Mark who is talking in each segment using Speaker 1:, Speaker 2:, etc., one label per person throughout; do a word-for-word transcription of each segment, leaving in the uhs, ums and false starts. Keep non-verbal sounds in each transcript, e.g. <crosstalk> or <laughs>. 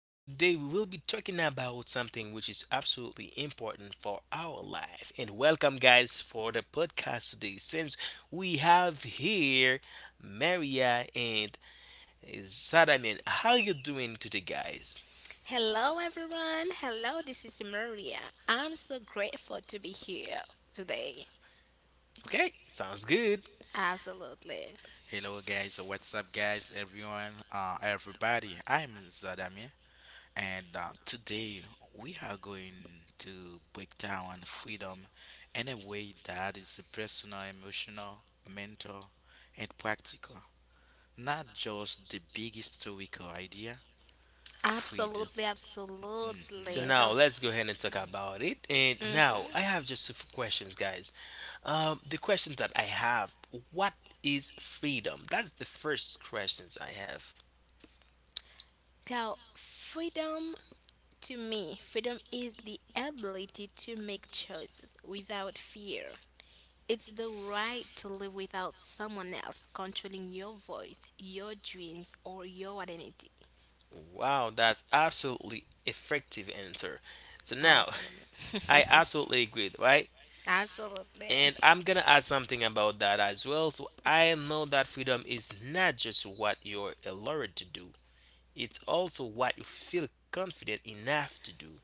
Speaker 1: and today we will be talking about something which is absolutely important for our life. And welcome, guys, for the podcast today. Since we have here Maria and Sadaman, how you doing today, guys?
Speaker 2: Hello, everyone. Hello, this is Maria. I'm so grateful to be here today.
Speaker 1: Okay, sounds good.
Speaker 2: Absolutely.
Speaker 3: Hello guys, uh, what's up guys, everyone, uh, everybody. I'm Zadamir, and uh, today we are going to break down freedom in a way that is personal, emotional, mental, and practical. Not just the big historical idea, freedom.
Speaker 2: Absolutely,
Speaker 3: Mhm,
Speaker 1: So
Speaker 2: absolutely. So,
Speaker 1: now
Speaker 3: f-
Speaker 1: let's go ahead and talk about it. And now
Speaker 2: mhm.
Speaker 1: I have just a few questions, guys. Um, the questions that I have: What is freedom? That's the first questions I have.
Speaker 2: so freedom to me, freedom is the ability to make choices without fear. It's the right to live without someone else controlling your voice, your dreams, or your identity.
Speaker 1: Wow, that's absolutely effective answer. So now <laughs> I
Speaker 2: Absolutely.
Speaker 1: absolutely agree, right?
Speaker 2: <laughs> Absolutely.
Speaker 1: And I'm gonna add something about that as well. So I know that freedom is not just what you're allowed to do, it's also what you feel confident enough to do,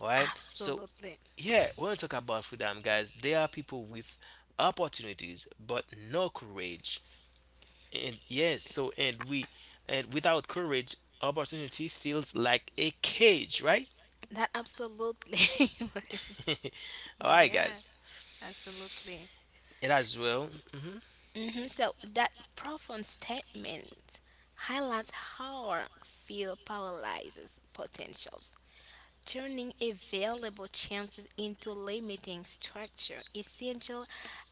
Speaker 1: right? So
Speaker 2: Absolutely.
Speaker 1: yeah, when we talk about freedom, guys, there are people with opportunities but no courage. And yes, so and we and without courage, opportunity feels like a cage, right?
Speaker 2: That absolutely. <laughs>
Speaker 1: <laughs> All right,
Speaker 2: Yeah,
Speaker 1: guys.
Speaker 2: absolutely.
Speaker 1: It as well. hmm
Speaker 2: Hmm. So that profound statement highlights how our fear paralyzes potentials, turning available chances into limiting structure, essential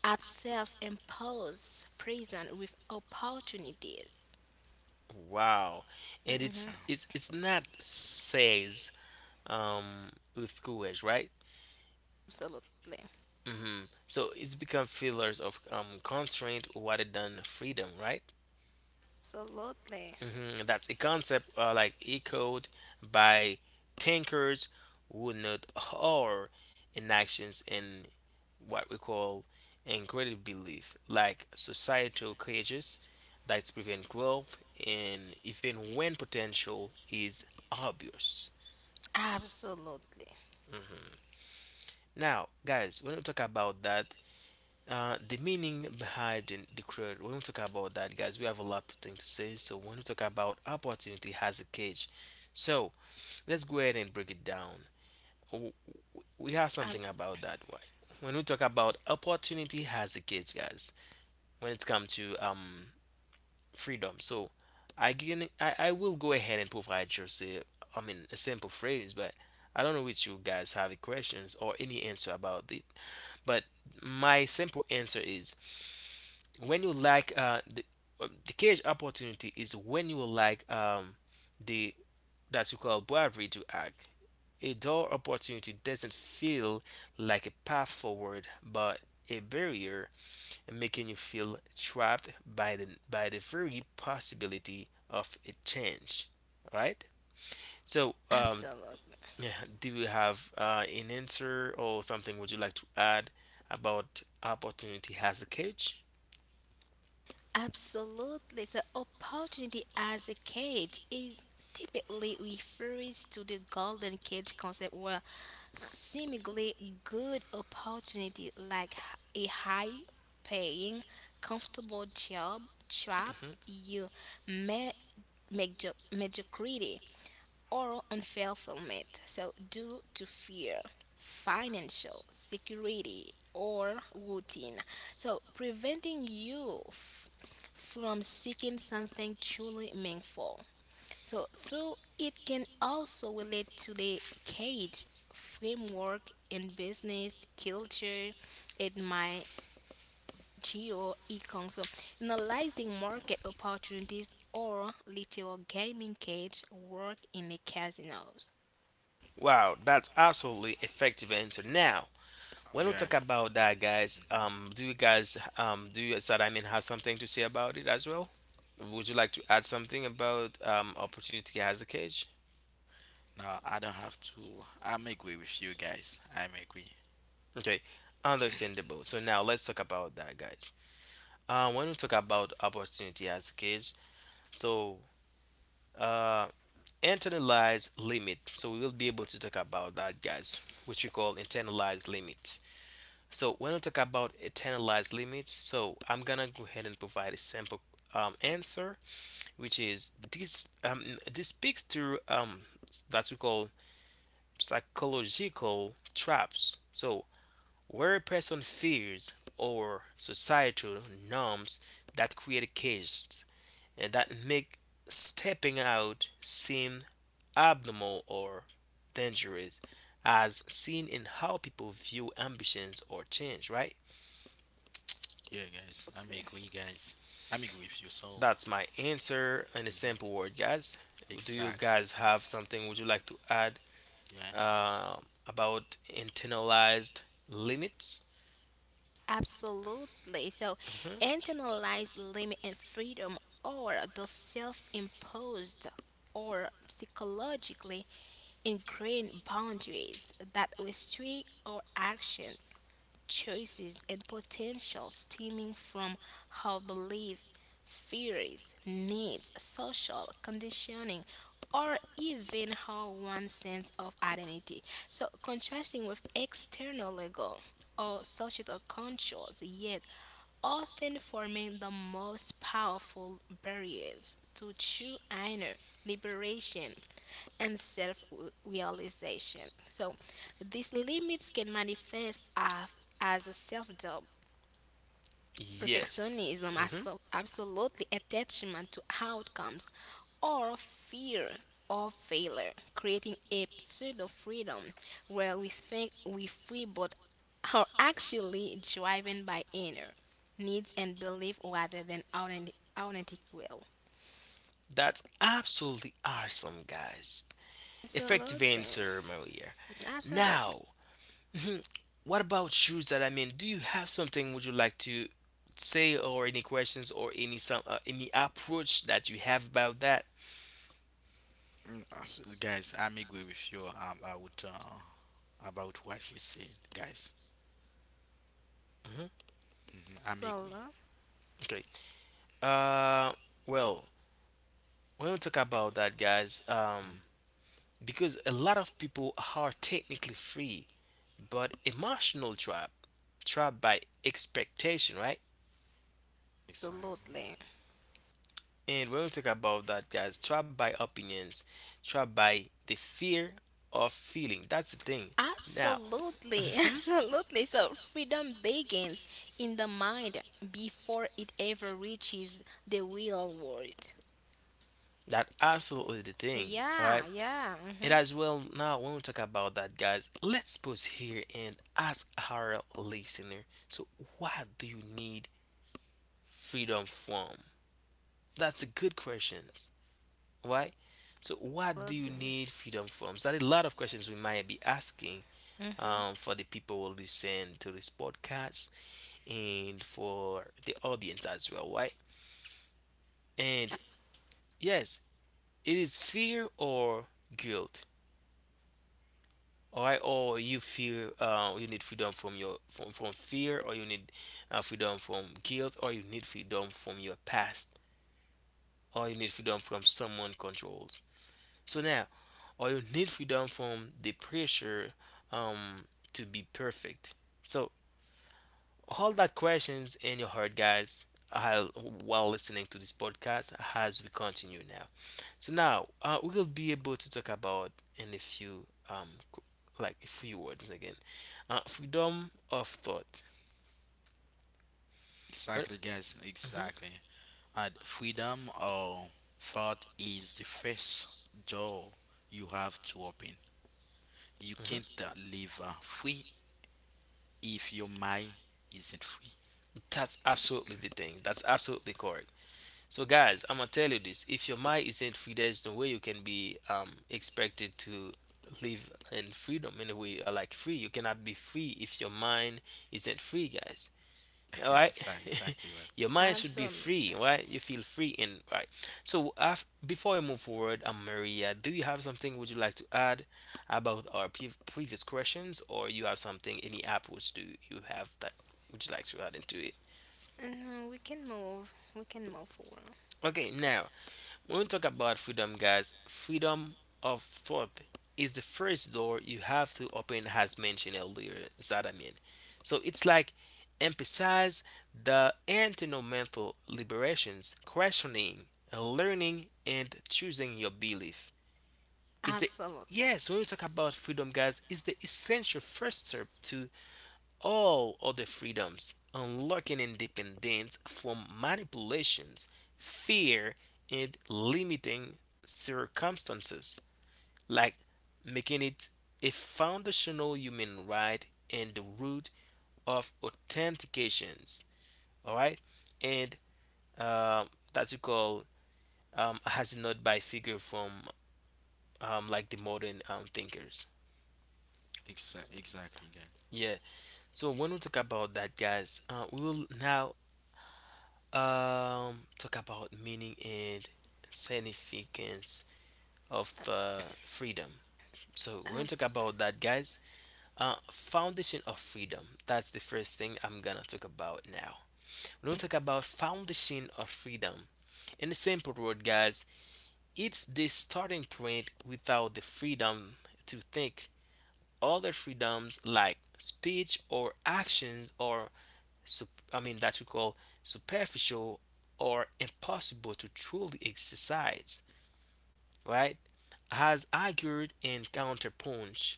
Speaker 2: at self-imposed prison with opportunities.
Speaker 1: Wow, and
Speaker 2: Hmm.
Speaker 1: it's it's it's not says um with courage, right?
Speaker 2: Absolutely.
Speaker 1: hmm So it's become fillers of um constraint rather than freedom, right?
Speaker 2: Absolutely.
Speaker 1: hmm That's a concept uh, like echoed by thinkers who note horror inactions in what we call incredible belief, like societal cages that prevent growth and even when potential is obvious.
Speaker 2: Absolutely.
Speaker 1: Mhm. Now, guys, when we talk about that, uh, the meaning behind the the creed, when we talk about that, guys, we have a lot of things to say. So, when we talk about opportunity has a cage, so let's go ahead and break it down. W- We have something
Speaker 2: Ab-
Speaker 1: about that. Why? When we talk about opportunity has a cage, guys. When it comes to um freedom, so I can I, I will go ahead and provide just a I mean a simple phrase, but I don't know which you guys have any questions or any answer about it. But my simple answer is when you lack uh the uh, the cage opportunity is when you lack um the that you call bravery to act. A dull opportunity doesn't feel like a path forward, but a barrier, making you feel trapped by the by the very possibility of a change. All right? So, um,
Speaker 2: Absolutely.
Speaker 1: <sighs> yeah, do you have uh, an answer or something would you like to add about opportunity has a cage?
Speaker 2: Absolutely. The opportunity as a cage is typically refers to the golden cage concept where seemingly good opportunity like h- a high paying, comfortable job traps
Speaker 1: Mhm.
Speaker 2: you may make mediocrity or unfulfillment, so due to fear, financial security, or routine. So preventing you f- from seeking something truly meaningful. So through it can also relate to the cage framework in business culture. It might geo econ so analyzing market opportunities or little gaming cage work in the casinos.
Speaker 1: Wow, that's absolutely effective answer. Now, when we
Speaker 3: Yeah.
Speaker 1: talk about that, guys,
Speaker 3: Mhm.
Speaker 1: um, do you guys, um, do you, so that I mean, have something to say about it as well? Would you like to add something about um, opportunity as a cage?
Speaker 3: No, I don't have to. I'm agree with you guys. I'm agree.
Speaker 1: Okay, understandable. So now let's talk about that, guys. Uh, when we talk about opportunity as a cage, so uh, internalized limit. So we will be able to talk about that, guys, which we call internalized limit. So when we talk about internalized limits, so I'm gonna go ahead and provide a simple um, answer which is this um, this speaks to um, that we call psychological traps. So where a person fears or societal norms that create cages and that make stepping out seem abnormal or dangerous, as seen in how people view ambitions or change. Right?
Speaker 3: Yeah, guys. I'm agree, guys. I'm agree with you. So,
Speaker 1: That's my answer in a
Speaker 3: hmm,
Speaker 1: simple word, guys. Do you
Speaker 3: exactly.
Speaker 1: guys have something? Would you like to add?
Speaker 3: Yeah.
Speaker 1: uh, about internalized limits.
Speaker 2: Absolutely. So,
Speaker 1: Mhm.
Speaker 2: internalized limit and freedom are the self imposed or psychologically ingrained boundaries that restrict our actions, choices, and potential stemming from our belief, fears, needs, social conditioning, or even how one sense of identity. So, contrasting with external ego, or societal controls, yet often forming the most powerful barriers to true inner liberation and self realization. So, these limits can manifest af- as self doubt,
Speaker 1: Yes.
Speaker 2: perfectionism is
Speaker 1: Mhm.
Speaker 2: so- absolutely attachment to outcomes or fear of failure, creating a pseudo freedom where we think we free but are actually driven by inner needs and belief rather than authentic, authentic will.
Speaker 1: That's absolutely awesome, guys. Effective
Speaker 2: Absolutely.
Speaker 1: answer, Maria.
Speaker 2: Absolutely.
Speaker 1: Now, <laughs> mhm, what about shoes that I mean? Do you have something would you like to say, or any questions, or any some uh, any approach that you have about that?
Speaker 3: Mm, uh, so, guys, I'm agree with you about uh, about what she said, guys.
Speaker 1: hmm
Speaker 3: Mm, I'm agree.
Speaker 2: Absolutely.
Speaker 1: Okay. Uh, well, when we talk about that, guys, um, because a lot of people are technically free but emotional trap trapped by expectation, right?
Speaker 3: Exactly.
Speaker 2: Absolutely.
Speaker 1: And when we talk about that, guys, trapped by opinions, trapped by the fear of feeling, that's the thing now. <laughs>
Speaker 2: Absolutely, <laughs>
Speaker 1: Mhm.
Speaker 2: absolutely. So freedom begins in the mind before it ever reaches the real world.
Speaker 1: That absolutely the thing, all right?
Speaker 2: Yeah, yeah.
Speaker 1: And
Speaker 2: Mm-hmm.
Speaker 1: as well, now when we talk about that, guys, let's pause here and ask our listener. So, what do you need freedom from? That's a good question. Why? So, what do you
Speaker 2: Absolutely.
Speaker 1: need freedom from? So, that a lot of questions we might be asking
Speaker 2: Mm-hmm.
Speaker 1: um, for the people who listen to this podcast and for the audience as well, right? And yes, it is fear or guilt, all right? Or you feel uh, you need freedom from your from, from fear, or you need uh, freedom from guilt, or you need freedom from your past, or you need freedom from someone controls. So now, or you need freedom from the pressure um, to be perfect. So, all that questions in your heart, guys, while while listening to this podcast as we continue now. So now uh, we will be able to talk about in a few um qu- like a few words again, uh, freedom of thought. Well,
Speaker 3: Exactly, guys.
Speaker 1: mhm,
Speaker 3: Exactly. And freedom of thought is the first door you have to open. You can't
Speaker 1: mhm.
Speaker 3: uh, live uh, free if your mind isn't free.
Speaker 1: That's absolutely the thing. That's absolutely. So guys, I'm gonna tell you this. If your mind isn't free, there's no way you can be um expected to live in freedom in a way uh, like free. You cannot be free if your mind isn't free, guys. All right?
Speaker 3: Exactly, exactly, man.
Speaker 1: <laughs> Your mind should be free,
Speaker 2: Absolutely.
Speaker 1: right? You feel free and right. So af- before I move forward, um, Maria, do you have something would you like to add about our pre- previous questions or you have something any approach do you have that would you like to add into it?
Speaker 2: Mhm. We can move. We can move forward.
Speaker 1: Okay, now when we talk about freedom, guys, freedom of thought is the first door you have to open, as mentioned earlier. Zadamin. So it's like emphasize the internal mental liberations, questioning, learning, and choosing your belief. Is the
Speaker 2: Absolutely.
Speaker 1: yes when we talk about freedom, guys, is the essential first step to all other freedoms, unlocking independence from manipulations, fear, and limiting circumstances, like making it a foundational human right and the root of authentications. All right, and uh, that we call um, has not by figure from um, like the modern um, thinkers.
Speaker 3: Exa- exactly, guys.
Speaker 1: Yeah. So when we talk about that, guys, uh, we will now Um, talk about meaning and significance of uh, freedom. So we're gonna talk
Speaker 2: Absolutely.
Speaker 1: about that, guys. Uh, foundation of freedom. That's the first thing I'm gonna talk about now. We're gonna talk about foundation of freedom. In a simple word, guys, it's the starting point without the freedom to think. Other freedoms like speech or actions are sup- I mean that we call superficial or impossible to truly exercise, right? Has argued in counterpunch,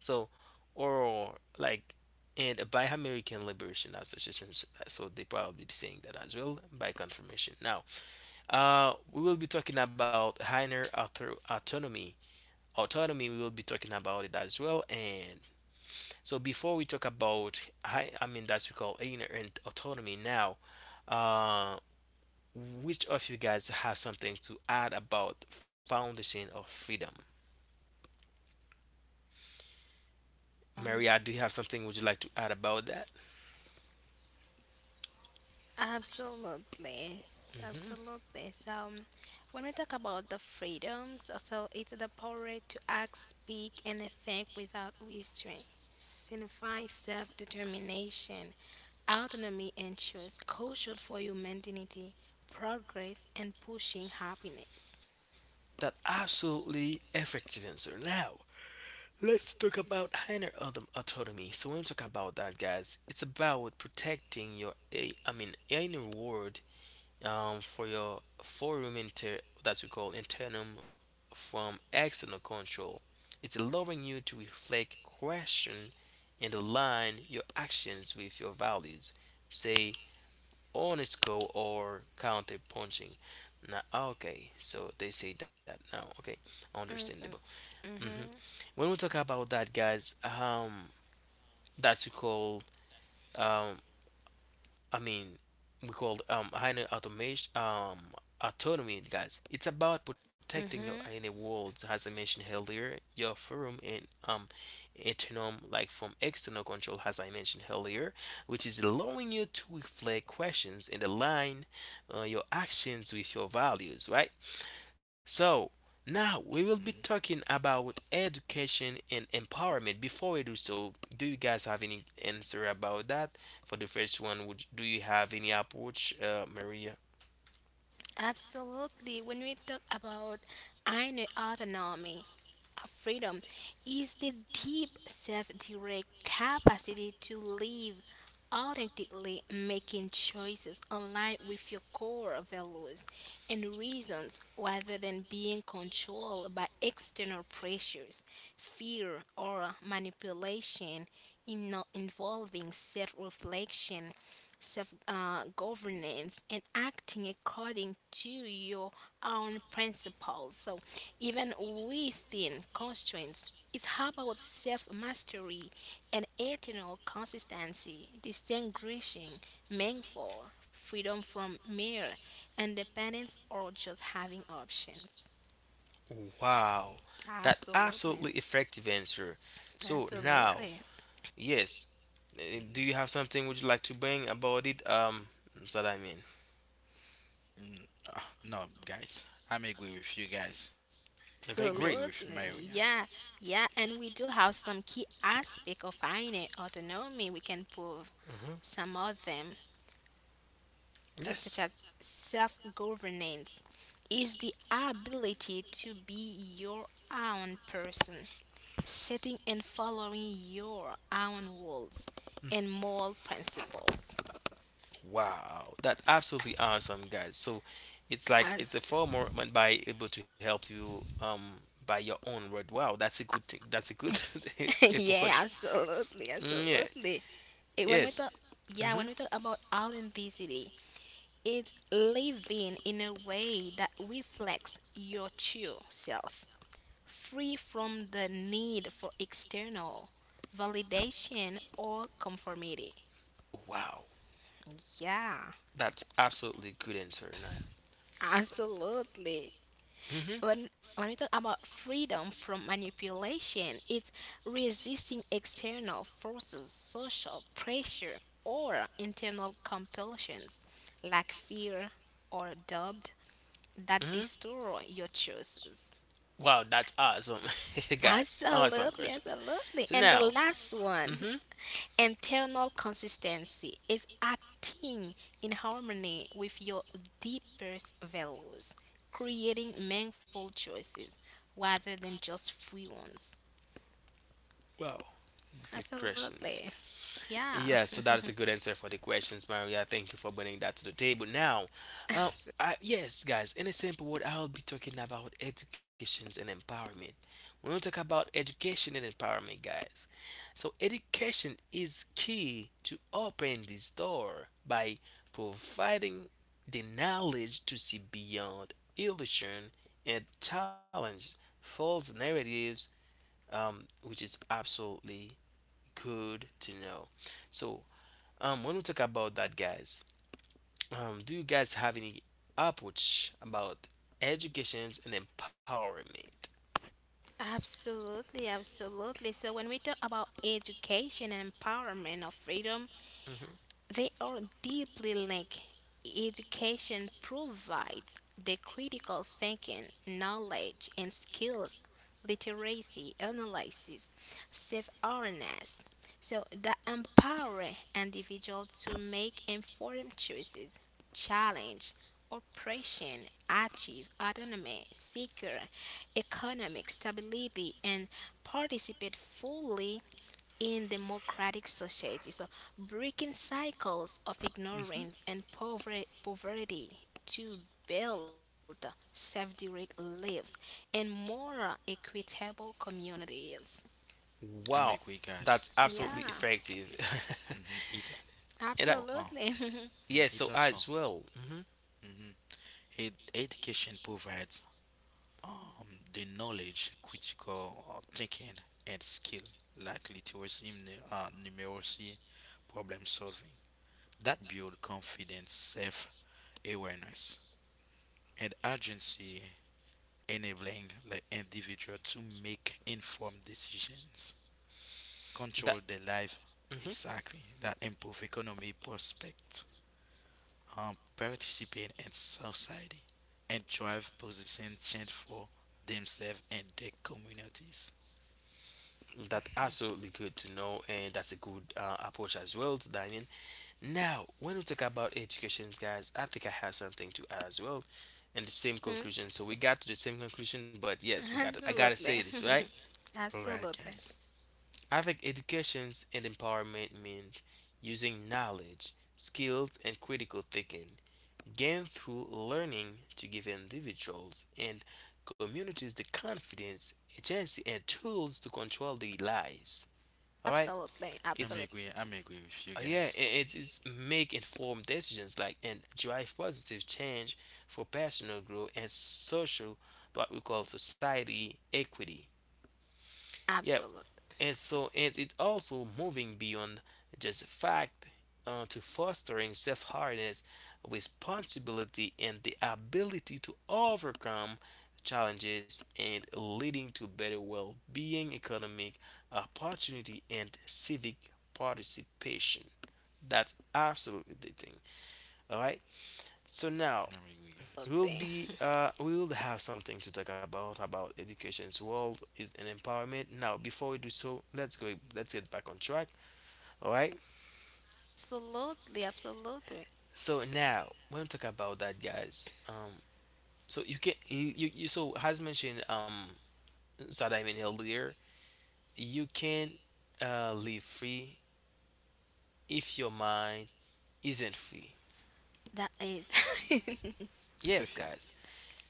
Speaker 1: so or like and by American Liberation Association, s- so they probably be saying that as well by confirmation. Now, uh, we will be talking about higher author- autonomy. Autonomy, we will be talking about it as well. And so, before we talk about high, I mean, that's we call inner and autonomy now. Um Which of you guys have something to add about foundation of freedom? Maria, do you have something would you like to add about that?
Speaker 2: Absolutely.
Speaker 1: hmm
Speaker 2: Absolutely. So, um, when we talk about the freedoms, uh, so it's the power to act, speak, and think without restraint, signify self determination, autonomy, and choice, crucial for human dignity, progress, and pushing happiness.
Speaker 1: That absolutely effective answer. Now, let's talk about higher autom- autonomy. So when we talk about that, guys, it's about protecting your, eh, I mean, inner world um, for your forum inter that we call internum from external control. It's allowing you to reflect, question, and align your actions with your values. Say honest goal or counter punching. Now, okay, so they say that now. Okay, understandable.
Speaker 2: Awesome.
Speaker 1: hmm
Speaker 2: Mm-hmm.
Speaker 1: When we talk about that, guys, um, that's we call um I mean, we call um higher automation um autonomy, guys. It's about protecting your inner
Speaker 2: Mm-hmm.
Speaker 1: worlds, as I mentioned earlier, your forum and um autonom like from external control, as I mentioned earlier, which is allowing you to reflect questions and align uh, your actions with your values, right? So now we will be talking about education and empowerment. Before we do so, do you guys have any answer about that? For the first one, would do you have any approach, uh, Maria?
Speaker 2: Absolutely. When we talk about inner autonomy, uh, freedom is the deep self direct capacity to live authentically making choices aligned with your core values and reasons rather than being controlled by external pressures, fear, or manipulation in not involving self reflection, self uh, governance, and acting according to your own principles. So, even within constraints, it's about self mastery and eternal consistency, distinguishing meaningful freedom from mere independence or just having options.
Speaker 1: Wow, that
Speaker 2: Absolutely.
Speaker 1: absolutely effective answer. So
Speaker 3: Agree,
Speaker 1: now,
Speaker 2: Absolutely.
Speaker 3: guys.
Speaker 1: yes, eh, do you have
Speaker 3: Mm-hmm.
Speaker 1: something would you like to bring about it? Um, so that I mean,
Speaker 3: Mm, ah, no, guys. I'm agree with you, guys.
Speaker 1: okay,
Speaker 3: I'm
Speaker 1: great.
Speaker 3: agree with
Speaker 2: Absolutely.
Speaker 3: Maria.
Speaker 2: Yeah. Yeah. And we do have some key aspect of inner autonomy. We can prove
Speaker 1: hmm
Speaker 2: some of them, uh, such
Speaker 1: Yes.
Speaker 2: as self governance, is the ability to be your own person, setting and following your own rules and moral principles.
Speaker 1: Wow, that's absolutely awesome, guys. So it's like
Speaker 2: As,
Speaker 1: it's a form or man by able to help you um by your own word. Wow, that's a good thing. That's a good
Speaker 2: <laughs>
Speaker 1: <laughs>
Speaker 2: yeah,
Speaker 1: approach.
Speaker 2: absolutely,
Speaker 1: Mm, yeah.
Speaker 2: absolutely. Eh, when we
Speaker 1: Yes.
Speaker 2: talk, yeah, when
Speaker 1: Mm-hmm.
Speaker 2: we talk about authenticity, it's living in a way that reflects your true self, free from the need for external validation or conformity.
Speaker 1: Wow,
Speaker 2: Yeah,
Speaker 1: that's absolutely good answer, Naya.
Speaker 2: absolutely.
Speaker 1: Mm-hmm.
Speaker 2: when when we talk about freedom from manipulation, it's resisting external forces, social pressure, or internal compulsions like fear or doubt that
Speaker 1: Mm-hmm.
Speaker 2: destroy your choices.
Speaker 1: Wow, that's awesome, <laughs> guys. Awesome
Speaker 2: Absolutely,
Speaker 1: questions.
Speaker 2: absolutely.
Speaker 1: So
Speaker 2: And the
Speaker 1: now,
Speaker 2: last one,
Speaker 1: mm-hmm.
Speaker 2: internal consistency is acting in harmony with your deepest values, creating meaningful choices rather than just free ones.
Speaker 1: Wow, good
Speaker 2: Absolutely.
Speaker 1: questions.
Speaker 2: Yeah,
Speaker 1: Yeah, so that is a good answer for the questions, Maria. Thank you for bringing that to the table. Now, uh, I, yes, guys, in a simple word, I'll be talking about educations and empowerment. When we talk about education and empowerment, guys, so education is key to open this door by providing the knowledge to see beyond illusion and challenge false narratives, um, which is absolutely good to know. So um, when we talk about that, guys, um, do you guys have any approach about educations and empowerment?
Speaker 2: <laughs> absolutely, absolutely. So when we talk about education and empowerment or freedom,
Speaker 1: hmm
Speaker 2: they are deeply linked. Education provides the critical thinking, knowledge, and skills, literacy, analysis, self awareness. So that empower individuals to make informed choices, challenge oppression, achieve autonomy, secure economic stability, and participate fully in democratic society. So breaking cycles of
Speaker 1: hmm
Speaker 2: ignorance and pover- poverty to build self-direct lives and more equitable communities.
Speaker 3: I'm
Speaker 1: Wow,
Speaker 3: agree, guys.
Speaker 1: that's absolutely
Speaker 2: Yeah,
Speaker 1: effective.
Speaker 3: Mm-hmm. It,
Speaker 1: <laughs> And I,
Speaker 3: oh, oh,
Speaker 2: absolutely. <laughs>
Speaker 1: yeah,
Speaker 3: mm, It
Speaker 1: so
Speaker 3: also.
Speaker 1: as well, hmm
Speaker 3: Mm-hmm. Ed- education provides um, the knowledge, critical uh, thinking, and skill likely to resume the uh, numeracy, problem solving. That build confidence, self awareness, and agency enabling the individual to make informed decisions,
Speaker 1: that
Speaker 3: control their life
Speaker 1: hmm
Speaker 3: exactly, that improve economic prospects, um, participate in society, and drive position change for themselves and their communities.
Speaker 1: that absolutely good to know, and that's a good uh, approach as well to dining. Now, when we talk about educations, guys, I think I have something to add as well, and the same
Speaker 2: Mhm.
Speaker 1: conclusion. So we got to the same conclusion, but yes, we got. To, I gotta say
Speaker 2: Absolutely.
Speaker 1: this, right?
Speaker 2: <laughs>
Speaker 3: Alright,
Speaker 2: Absolutely.
Speaker 3: guys.
Speaker 1: I think educations and empowerment mean using knowledge, skills, and critical thinking gained through learning to give individuals and communities the confidence, agency, and tools to control their lives. All right,
Speaker 2: Absolutely.
Speaker 3: I'm
Speaker 1: it's
Speaker 2: Absolutely.
Speaker 3: agree. I'm agree with you
Speaker 1: Uh, yeah, i-
Speaker 3: guys.
Speaker 1: it's it's make informed decisions like and drive positive change for personal growth and social what we call society equity. Yeah,
Speaker 2: Absolutely.
Speaker 1: and so and it's also moving beyond just fact uh, to fostering self-awareness, responsibility, and the ability to overcome challenges and leading to better well-being, economic opportunity, and civic participation. That's absolutely the thing. All right. So now
Speaker 3: I'm agree,
Speaker 1: we'll be uh we will have something to talk about about education's world is an empowerment. Now before we do so, let's go let's get back on track. All right.
Speaker 2: Absolutely. Absolutely.
Speaker 1: So now when we talk about that, guys. Um. So you can you you so as mentioned um Sadaimin earlier, you can uh live free if your mind isn't free.
Speaker 2: That is.
Speaker 1: Yes,
Speaker 3: guys.
Speaker 1: guys.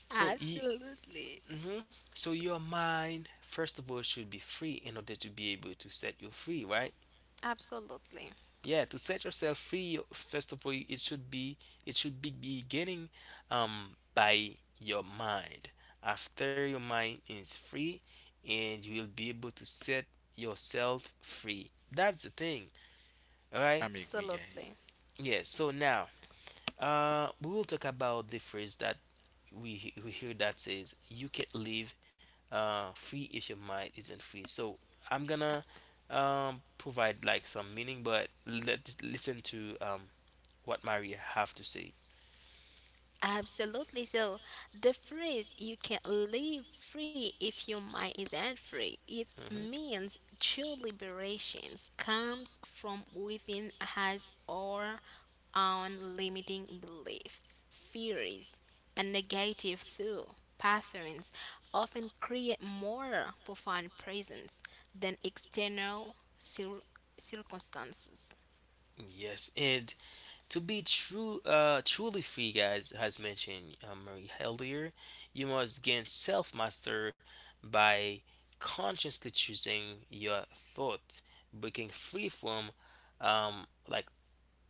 Speaker 2: <laughs>
Speaker 1: So y-
Speaker 2: Absolutely.
Speaker 1: hmm So your mind, first of all, should be free in order to be able to set you free, right?
Speaker 2: Absolutely.
Speaker 1: Yeah, to set yourself free, you- first of all, it should be it should be beginning um by your mind. After your mind is free, and you will be able to set yourself free. That's the thing, all
Speaker 3: <laughs>
Speaker 1: right?
Speaker 3: I'm agree, guys.
Speaker 2: Absolutely.
Speaker 1: Yeah. So now Uh, we will talk about the phrase that we he- we hear that says you can't live uh, free if your mind isn't free. So I'm gonna um, provide like some meaning, but let's listen to um, what Maria have to say.
Speaker 2: Absolutely. So the phrase you can not live free if your mind isn't free, it
Speaker 1: hmm
Speaker 2: means true liberation comes from within as our own limiting belief, theories, and negative thought patterns often create more profound presence than external cir- circumstances.
Speaker 1: Yes, and to be true, uh, truly free, guys, has mentioned uh, Marie earlier, you must gain self master by consciously choosing your thought, breaking free from um, like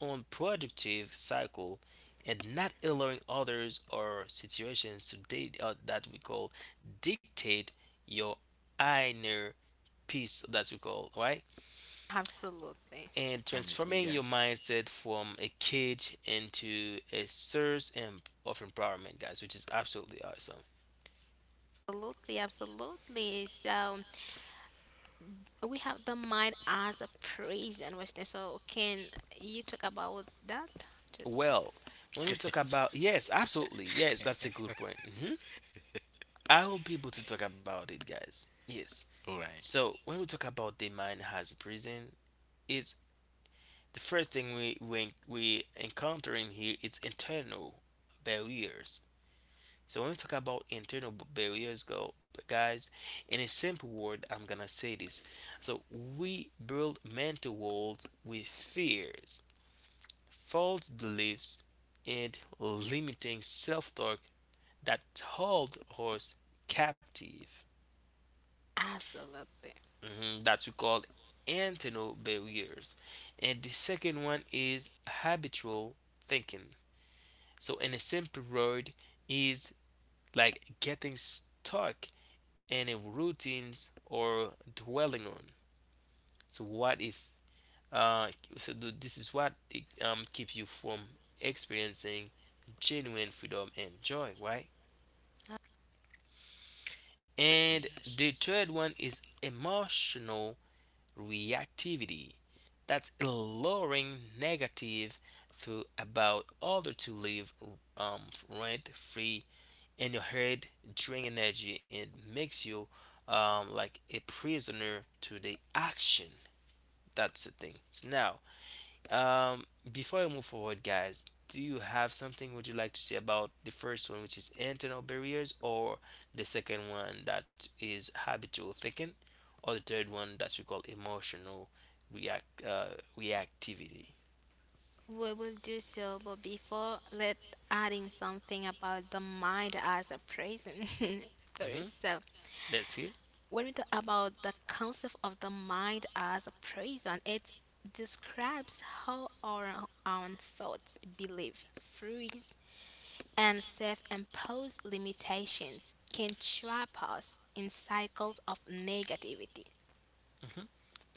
Speaker 1: unproductive cycle, and not allowing others or situations to date uh, that we call dictate your inner peace that we call right
Speaker 2: Absolutely.
Speaker 1: and
Speaker 3: I'm agree,
Speaker 1: transforming your
Speaker 3: guys.
Speaker 1: mindset from a cage into a source em- of empowerment, guys, which is absolutely awesome.
Speaker 2: Absolutely, absolutely. So we have the mind as a prison, and so can you talk about that? Just
Speaker 1: Well, when we talk
Speaker 3: <laughs>
Speaker 1: about yes, absolutely, yes, that's a good point. hmm I will be able to talk about it, guys. Yes.
Speaker 3: Alright,
Speaker 1: So when we talk about the mind as a prison, it's the first thing we we we encountering here. It's internal barriers. So when we talk about internal b- barriers, go guys, in a simple word, I'm gonna say this. So we build mental walls with fears, false beliefs, and limiting self-talk that hold us captive.
Speaker 2: absolutely.
Speaker 1: Mhm, that we call internal barriers. And the second one is habitual thinking. So in a simple word, is like getting stuck in a routines or dwelling on. So what if uh so th- this is what it, um keep you from experiencing genuine freedom and joy, right?
Speaker 3: we
Speaker 1: And
Speaker 3: guys.
Speaker 1: the third one is emotional reactivity. That's lowering negative through about order to live um, rent free and your head drain energy and makes you um, like a prisoner to the action. That's the thing. So now, um, before I move forward, guys, do you have something would you like to say about the first one, which is internal barriers, or the second one that is habitual thinking, or the third one that we call emotional react uh, reactivity?
Speaker 2: We will do so, but before let adding something about the mind as a prison <laughs>
Speaker 1: hmm
Speaker 2: first. So
Speaker 1: Let's hear.
Speaker 2: when we talk about the concept of the mind as a prison, it describes how our own thoughts, belief, freeze and self imposed limitations can trap us in cycles of negativity.
Speaker 1: hmm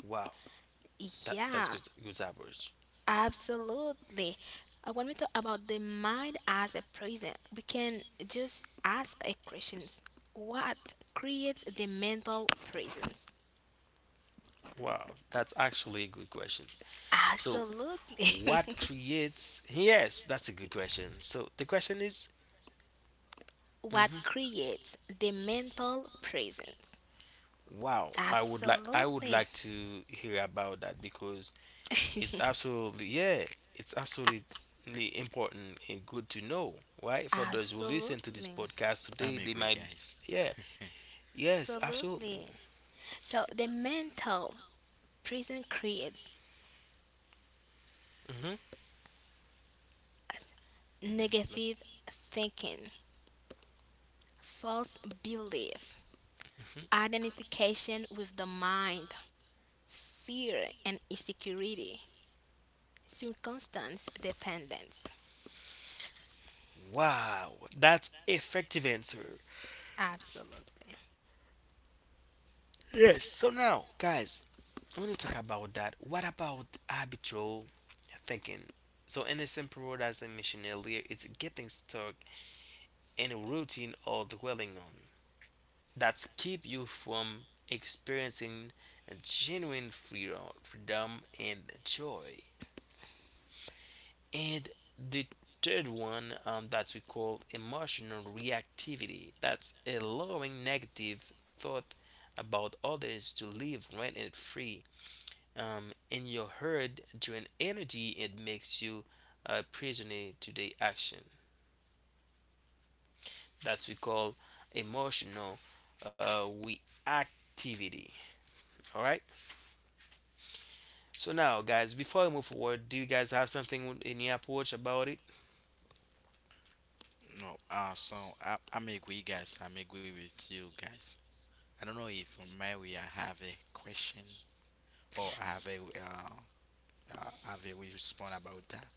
Speaker 1: Wow, that that's
Speaker 2: Yeah,
Speaker 1: good. Good average.
Speaker 2: absolutely. Uh, When we talk about the mind as a prison, we can just ask a question, what creates the mental prisons?
Speaker 1: Wow, that's actually a good question. So,
Speaker 2: Absolutely.
Speaker 1: what creates? Yes, that's a good question. So the question is,
Speaker 2: <laughs> What
Speaker 1: mhm.
Speaker 2: creates the mental prisons?
Speaker 1: Wow, I would like I would
Speaker 2: Absolutely.
Speaker 1: like to hear about that because it's
Speaker 2: <laughs>
Speaker 1: absolutely yeah, it's absolutely important and good to know, right? For those who listen to this
Speaker 2: Absolutely.
Speaker 1: podcast
Speaker 3: I'm
Speaker 1: today, they
Speaker 3: agree,
Speaker 1: might
Speaker 3: guys.
Speaker 1: yeah, yes, absolutely.
Speaker 2: Absolutely. So the mental prison creates
Speaker 1: hmm
Speaker 3: <laughs> hmm.
Speaker 2: negative thinking, false belief, identification with the mind, fear and insecurity, circumstance dependence.
Speaker 1: Wow, that's effective answer.
Speaker 2: Absolutely.
Speaker 1: Yes. So now, guys, when you talk about that, what about habitual thinking? So, in a simple word, as I mentioned earlier, it's getting stuck in a routine or dwelling on that's keep you from experiencing genuine freedom, freedom and joy. And the third one um, that we call emotional reactivity that's allowing negative thought about others to live rent free um, in your herd drain energy it makes you a prisoner to the action. That's we call emotional uh, reactivity. All right. So now, guys, before we move forward, do you guys have something in your approach about it?
Speaker 3: No, uh, so I, I'm agree, guys. I'm agree with you, guys. I don't know if maybe I have a question or I have a uh, uh have a response about that.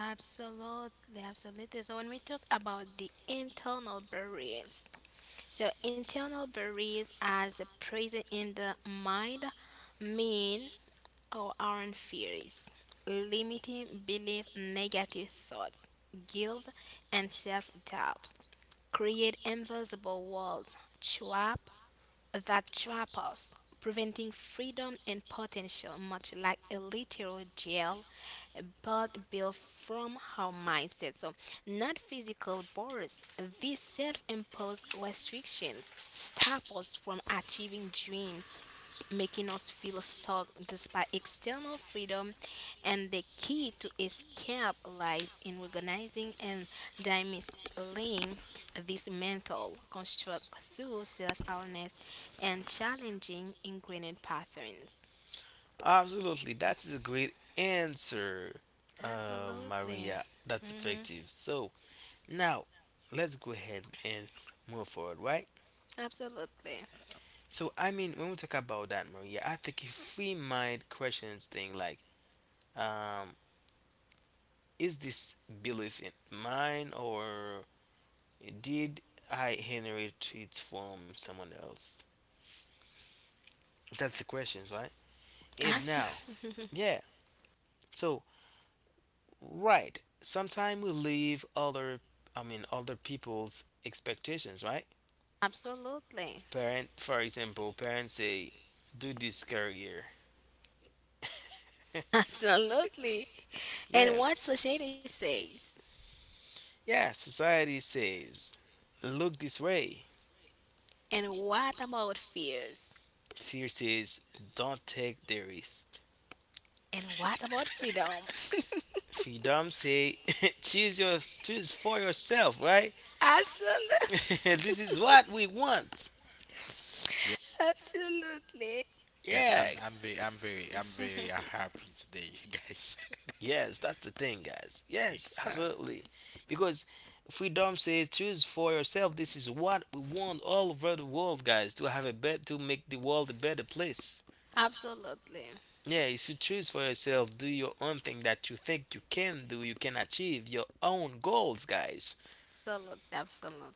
Speaker 2: Absolutely, absolutely. So when we talk about the internal barriers, so internal barriers as present in the mind mean our own fears, limiting belief, negative thoughts, guilt, and self doubt create invisible walls trap that trap us, preventing freedom and potential, much like a literal jail, but built from our mindset. So, not physical borders. These self imposed restrictions stop us from achieving dreams, making us feel stuck despite external freedom. And the key to escape lies in recognizing and dismantling this mental construct through self awareness and challenging ingrained patterns.
Speaker 1: Absolutely. That's a great answer, uh,
Speaker 2: Absolutely.
Speaker 1: Maria. That's
Speaker 2: Hmm.
Speaker 1: effective. So now, let's go ahead and move forward, right?
Speaker 2: Absolutely.
Speaker 1: So I mean, when we talk about that, Maria, I think if we mind questions thing like Um, is this belief in mine or did I inherit it from someone else? That's the questions, right? And now,
Speaker 2: As-
Speaker 1: yeah. So, right. Sometimes we leave other, I mean, other people's expectations, right?
Speaker 2: <laughs> Absolutely.
Speaker 1: Parent, for example, parents say, "Do this career." <laughs>
Speaker 2: Absolutely. And
Speaker 1: Yes.
Speaker 2: what society says.
Speaker 1: Yeah. Society says, "Look this way."
Speaker 2: And what about fears?
Speaker 1: Fear says, "Don't take the risk."
Speaker 2: And what about freedom? <laughs>
Speaker 1: Freedom say, <laughs> choose your choose for yourself, right? <laughs>
Speaker 2: Absolutely.
Speaker 1: This is what we want.
Speaker 2: <laughs>
Speaker 3: Yeah,
Speaker 2: Absolutely.
Speaker 3: guys.
Speaker 1: Yeah,
Speaker 3: I'm I'm very I'm very I'm very uh,
Speaker 2: <laughs>
Speaker 3: happy today, <laughs> guys.
Speaker 1: yes, that's the thing, guys. Yes, absolutely.
Speaker 3: Exactly.
Speaker 1: Because freedom says choose for yourself, this is what we want all over the world, guys, to have a bet to make the world a better place.
Speaker 2: Absolutely.
Speaker 1: Yeah, you should choose for yourself, do your own thing that you think you can do, you can achieve your own goals, guys.
Speaker 2: Absolutely.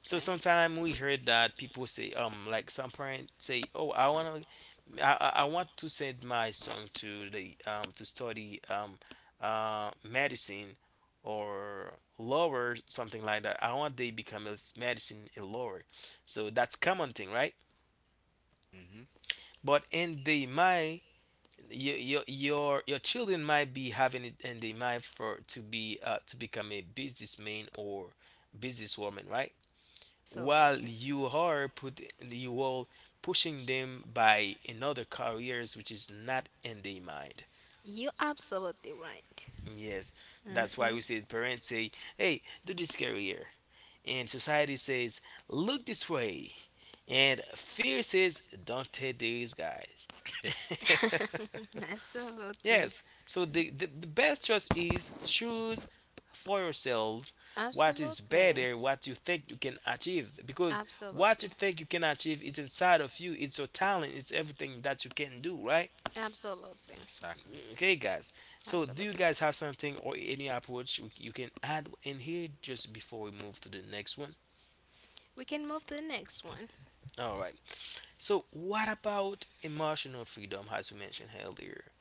Speaker 1: So sometimes we heard that people say um like some parents say, oh, I want to I, I want to send my son to the um, to study um, uh, medicine or lower something like that. I want they become a s- medicine a lower. So that's common thing, right?
Speaker 3: Mm-hmm.
Speaker 1: But in the my your your your your children might be having it in the mind for to be uh, to become a businessman or businesswoman, right? While
Speaker 2: Absolutely.
Speaker 1: you are put you all pushing them by another careers which is not in their mind.
Speaker 2: You're absolutely right.
Speaker 1: Yes,
Speaker 2: Hmm.
Speaker 1: that's why we say parents say, "Hey, do this career," and society says, "Look this way," and fear says, "Don't take these guys." <laughs>
Speaker 2: <laughs> Absolutely.
Speaker 1: Yes, so the, the the best choice is choose for yourselves what is
Speaker 2: Absolutely.
Speaker 1: better, what you think you can achieve, because what
Speaker 2: Absolutely.
Speaker 1: you think you can achieve is inside of you. It's your talent. It's everything that you can do, right?
Speaker 2: Absolutely.
Speaker 3: Exactly.
Speaker 1: Okay, guys. So, do you
Speaker 2: Absolutely.
Speaker 1: guys have something or any approach you you can add in here just before we move to the next one?
Speaker 2: We can move to the next one.
Speaker 1: All right. So, what about emotional freedom, as we mentioned earlier?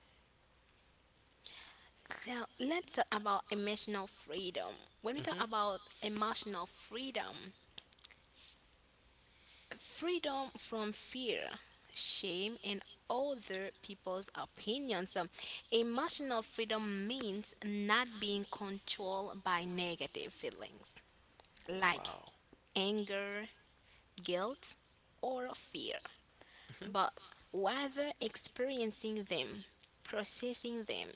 Speaker 2: So let's talk about emotional freedom. When we talk
Speaker 1: hmm
Speaker 2: about emotional freedom, freedom from fear, shame, and other people's opinions. Um, Emotional freedom means not being controlled by negative feelings like
Speaker 1: Wow.
Speaker 2: anger, guilt, or fear,
Speaker 1: Mhm,
Speaker 2: but rather experiencing them, processing them,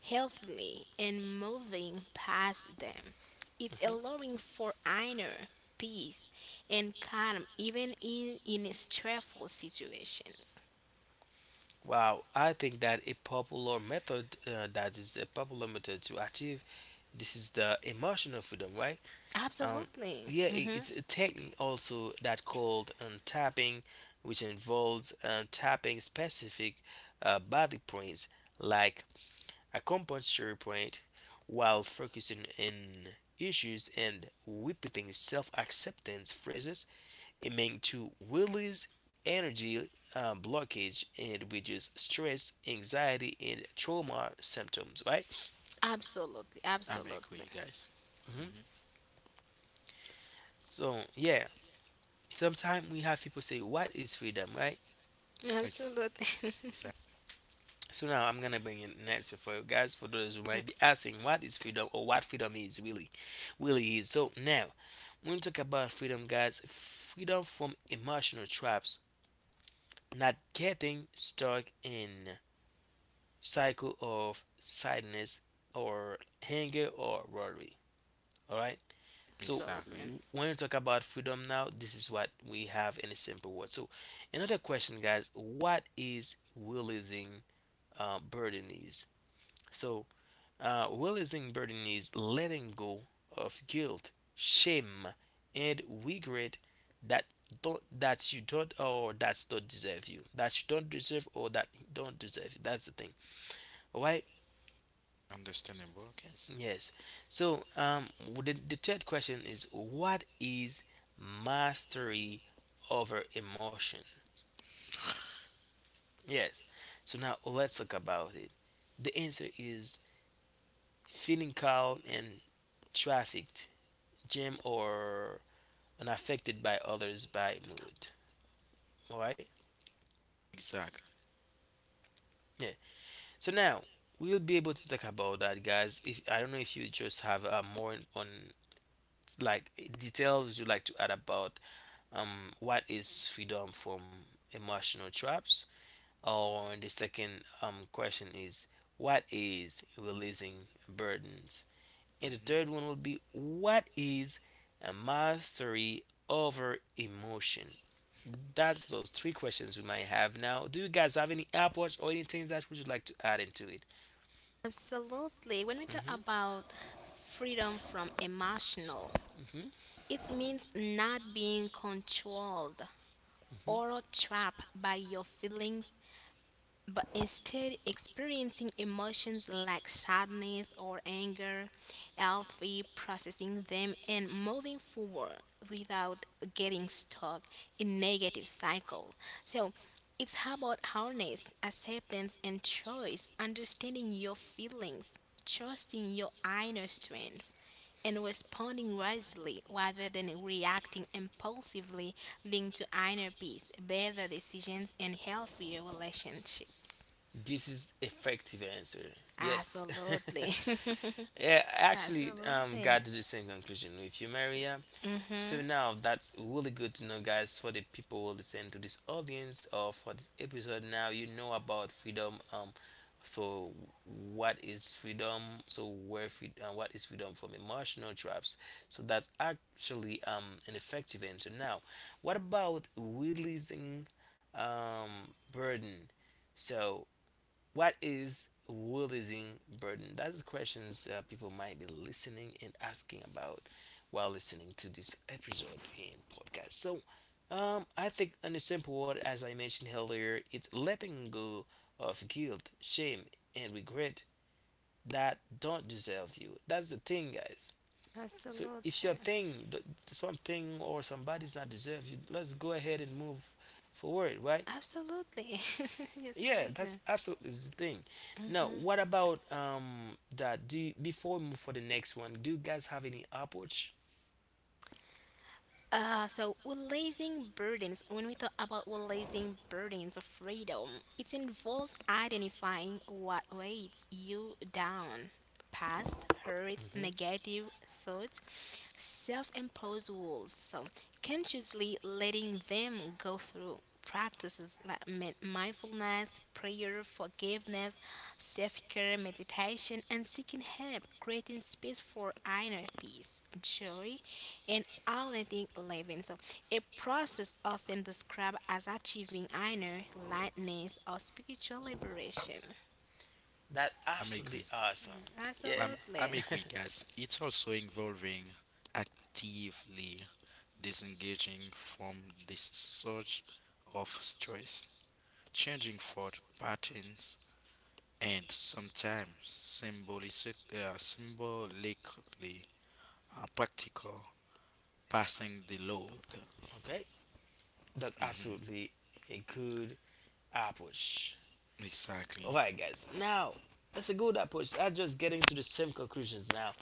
Speaker 2: healthily and moving past them. It's
Speaker 1: mhm.
Speaker 2: allowing for inner peace and calm even in, in stressful situations.
Speaker 1: Wow, I think that a popular method uh, that is a popular method to achieve this is the emotional freedom, right? Um,
Speaker 2: Absolutely.
Speaker 1: yeah, i-
Speaker 2: Hmm.
Speaker 1: it's a technique also that called um, tapping, which involves um, tapping specific uh, body points like acupuncture point while focusing in issues and repeating self-acceptance phrases aiming to release energy uh, blockage and reduce stress, anxiety, and trauma symptoms, right?
Speaker 2: Absolutely.
Speaker 3: I'm
Speaker 2: Absolutely.
Speaker 3: agree, guys.
Speaker 1: hmm
Speaker 3: Mm-hmm.
Speaker 1: So yeah, sometimes we have people say, "What is freedom?" Right?
Speaker 3: Ex-
Speaker 2: Absolutely. <laughs>
Speaker 3: exactly.
Speaker 1: So now I'm gonna bring in an answer for you guys for those who might be asking what is freedom or what freedom is really, really is. So now when we talk about freedom, guys, freedom from emotional traps, not getting stuck in cycle of sadness or anger or worry. All right. So
Speaker 3: Exactly.
Speaker 2: Absolutely.
Speaker 1: when we talk about freedom now, this is what we have in a simple word. So another question, guys, what is releasing uh, burden is? So Uh, releasing burden is letting go of guilt, shame, and regret that don't that you don't or that's don't deserve you that you don't deserve or that don't deserve you. That's the thing. All right.
Speaker 3: Understandable, guys.
Speaker 1: Yes. So um, the, the third question is what is mastery over emotion? Yes. So now let's talk about it. The answer is feeling calm and trafficked, jam or and affected by others by mood. All right.
Speaker 3: Exactly.
Speaker 1: Yeah. So now we'll be able to talk about that, guys. If I don't know if you just have uh, more on like details you'd like to add about um what is freedom from emotional traps, or the second um question is what is releasing burdens, and the third
Speaker 3: Mm-hmm.
Speaker 1: one would be what is a mastery over emotion? That's those three questions we might have now. Do you guys have any Apple Watch or anything that would you like to add into it?
Speaker 2: Absolutely. When we talk
Speaker 1: hmm
Speaker 2: about freedom from emotional,
Speaker 1: hmm
Speaker 2: it means not being controlled
Speaker 1: hmm
Speaker 2: or trapped by your feelings but instead experiencing emotions like sadness or anger, healthy processing them and moving forward without getting stuck in negative cycle. So it's about awareness, acceptance and choice, understanding your feelings, trusting your inner strength and responding wisely rather than reacting impulsively leading to inner peace, better decisions, and healthier relationships.
Speaker 1: This is effective answer. Yes. <laughs>
Speaker 2: Absolutely.
Speaker 1: Yeah,
Speaker 2: <laughs>
Speaker 1: I actually um
Speaker 2: Absolutely.
Speaker 1: got to the same conclusion with you, Maria.
Speaker 2: Hmm.
Speaker 1: So now that's really good to know, guys, for the people who listen to this audience or for this episode. Now you know about freedom. Um, so what is freedom? So where free, uh, what is freedom from emotional traps? So that's actually um an effective answer. Now, what about releasing um burden? So what is releasing burden? That is questions uh, people might be listening and asking about while listening to this episode and podcast. So, um, I think in a simple word, as I mentioned earlier, it's letting go of guilt, shame, and regret that don't deserve you. That's the thing, guys. So if your
Speaker 2: Absolutely.
Speaker 1: thing, th- something or somebody's not deserve you, let's go ahead and move forward, right?
Speaker 2: Absolutely. <laughs>
Speaker 1: Yeah, that's
Speaker 2: Absolutely.
Speaker 1: absolutely the thing. Now, what about um that? Do you, before we move for the next one, do you guys have any approach?
Speaker 2: Uh, so releasing burdens. When we talk about releasing burdens of freedom, it involves identifying what weighs you down. Past hurts,
Speaker 1: Mm-hmm.
Speaker 2: negative thoughts, self-imposed rules. So consciously letting them go through practices like min- mindfulness, prayer, forgiveness, self-care, meditation, and seeking help, creating space for inner peace joy, and authentic living. So, a process often described as achieving inner lightness or spiritual liberation.
Speaker 1: That
Speaker 3: I'm agree.
Speaker 1: absolutely awesome. Yeah.
Speaker 3: Um, I
Speaker 2: Absolutely.
Speaker 3: make
Speaker 1: <laughs>
Speaker 3: weak guys. It's also involving actively disengaging from the source of stress, changing thought patterns, and sometimes symbolic, uh, symbolically uh, practical, passing the load.
Speaker 1: okay, that's
Speaker 3: Hmm.
Speaker 1: absolutely a good approach.
Speaker 3: Exactly.
Speaker 1: Alright, guys. Now, it's a good approach. I'm just getting to the same conclusions now.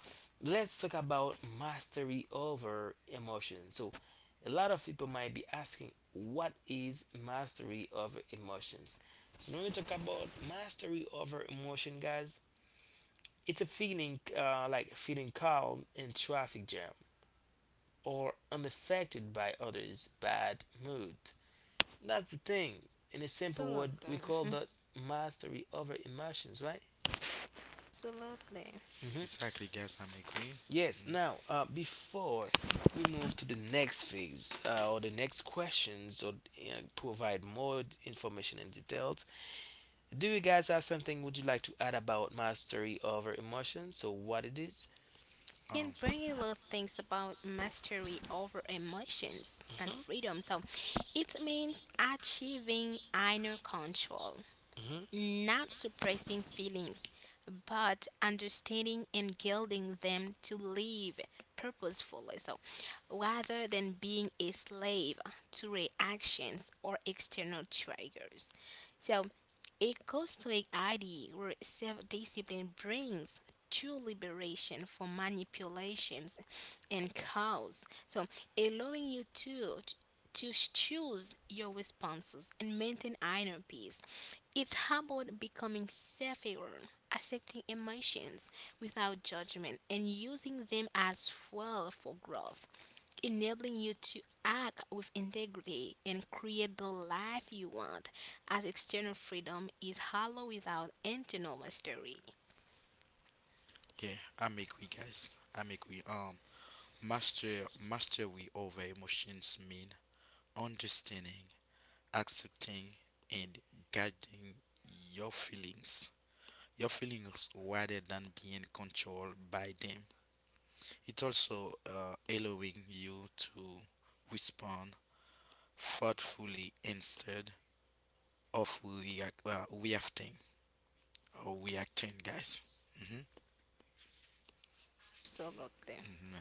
Speaker 1: Let's talk about mastery over emotion. So, a lot of people might be asking, what is mastery over emotions? So, when we talk about mastery over emotion, guys, it's a feeling uh, like feeling calm in traffic jam or unaffected by others' bad mood. That's the thing. In a simple word, we
Speaker 2: Absolutely.
Speaker 1: call
Speaker 2: Mhm.
Speaker 1: that mastery over emotions, right?
Speaker 2: Absolutely.
Speaker 1: hmm
Speaker 3: Exactly, guys. I make we.
Speaker 1: Yes.
Speaker 3: Mhm.
Speaker 1: Now, uh, before we move to the next phase uh, or the next questions or you know, provide more d- information and details, do you guys have something would you like to add about mastery over emotion? So what it is?
Speaker 2: Can
Speaker 3: Um,
Speaker 2: bring a lot of things about mastery over emotions and
Speaker 1: Mm-hmm.
Speaker 2: freedom. So, it means achieving inner control,
Speaker 1: Mm-hmm.
Speaker 2: not suppressing feelings, but understanding and guiding them to live purposefully. So, rather than being a slave to reactions or external triggers. So, a Stoic idea where self discipline brings true liberation from manipulations and cause. So, allowing you to to choose your responses and maintain inner peace. It's about becoming self aware, accepting emotions without judgment, and using them as fuel for growth, enabling you to act with integrity and create the life you want, as external freedom is hollow without internal mastery.
Speaker 3: yeah, I make we, guys. I make we. Um, master, mastery over emotions mean understanding, accepting, and guiding your feelings. Your feelings rather than being controlled by them. It also uh, allowing you to respond thoughtfully instead of react, uh, reacting or reacting, guys. Hmm.
Speaker 2: Absolutely.
Speaker 3: Hmm.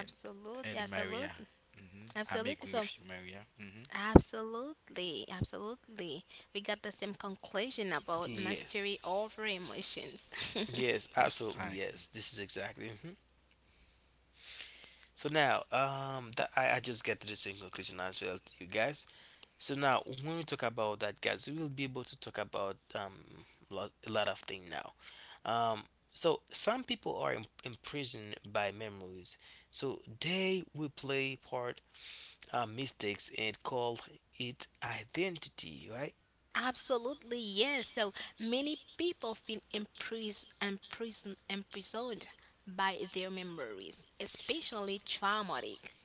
Speaker 3: And, and Maria,
Speaker 2: Absolutely.
Speaker 3: hmm, I'm
Speaker 2: Absolutely.
Speaker 3: agree
Speaker 2: So,
Speaker 3: with you, Maria. Hmm.
Speaker 2: absolutely, absolutely. We got the same conclusion about
Speaker 1: Yes.
Speaker 2: mastery over emotions.
Speaker 1: Yes. Absolutely. Yes.
Speaker 3: Exactly,
Speaker 1: This is exactly. hmm So now, um, that I, I just get to the same conclusion as well, you guys. So now, when we talk about that, guys, we will be able to talk about um, lot, a lot of things now. Um, so some people are im- imprisoned by memories. So they will play part uh, mistakes and call it identity, right?
Speaker 2: <laughs> Absolutely, yes. So many people feel impris- imprison- imprisoned by their memories, especially traumatic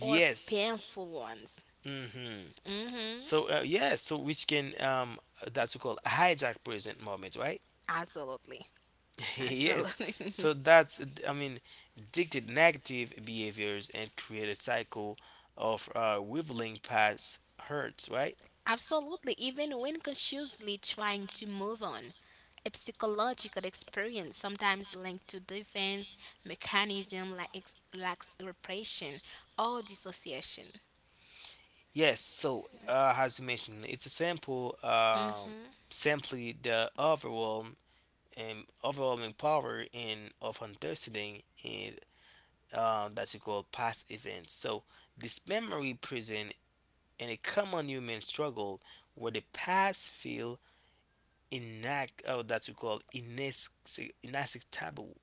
Speaker 2: or painful ones.
Speaker 1: Mm-hmm.
Speaker 2: Hmm.
Speaker 1: So uh, yes, so which can um, that's we call hijack present moment, right?
Speaker 2: Absolutely,
Speaker 1: <laughs> yes.
Speaker 2: absolutely.
Speaker 1: So
Speaker 2: <laughs>
Speaker 1: that's, I mean, dictate negative behaviors and create a cycle of uh, revealing past hurts, right?
Speaker 2: Absolutely, even when consciously trying to move on. A psychological experience sometimes linked to defense mechanism like ex- like repression or dissociation.
Speaker 1: Yes. So uh, as you mentioned, it's a simple, um
Speaker 2: Hmm.
Speaker 1: simply the overwhelm and overwhelming power in of understanding it uh, that you call past events. So this memory prison in a common human struggle where the past feel inact oh that you call inaccessible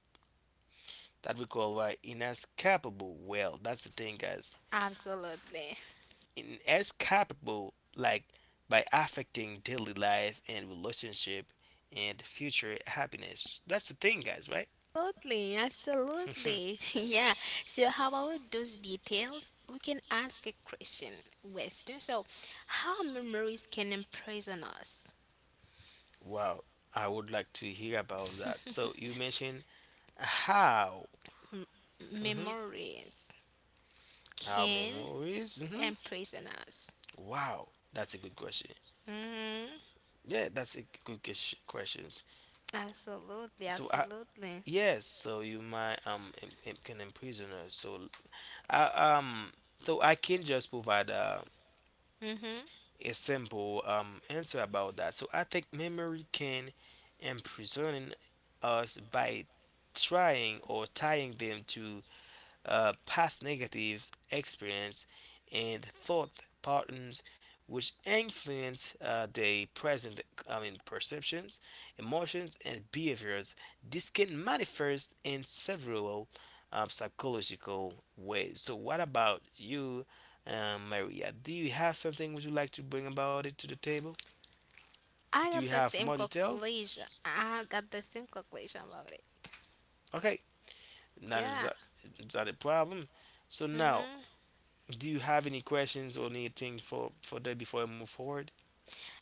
Speaker 1: that we call why inescapable well that's the thing, guys,
Speaker 2: Absolutely.
Speaker 1: inescapable like by affecting daily life and relationship and future happiness, that's the thing, guys, right?
Speaker 2: Absolutely, absolutely. <laughs>
Speaker 1: <laughs>
Speaker 2: Yeah. So how about those details? We can ask a question, Western. So how memories can imprison us?
Speaker 1: wow, I would like to hear about that, so you mentioned how. Hmm
Speaker 2: Memories
Speaker 1: how
Speaker 2: can
Speaker 1: memories. Hmm
Speaker 2: imprison us.
Speaker 1: wow, that's a good question.
Speaker 2: Mhm.
Speaker 1: Yeah, that's a good ques- questions.
Speaker 2: Absolutely,
Speaker 1: so i
Speaker 2: absolutely.
Speaker 1: yes so you might um im- im- can imprison us so. Uh, um, so I can just provide uh,
Speaker 2: Hmm.
Speaker 1: a simple um, answer about that. So I think memory can imprison us by trying or tying them to uh, past negative experience and thought patterns which influence uh, their present, I mean, perceptions, emotions, and behaviors. This can manifest in several uh, psychological ways. So, what about you, uh, Maria? Do you have something would you like to bring about it to the table?
Speaker 2: I
Speaker 1: Do you
Speaker 2: got the
Speaker 1: have
Speaker 2: same
Speaker 1: more details?
Speaker 2: conclusion. I got the same conclusion about it.
Speaker 1: Okay, that is
Speaker 2: Yeah.
Speaker 1: uh, that is not a problem. So now,
Speaker 2: Hmm.
Speaker 1: do you have any questions or anything for for that before I move forward?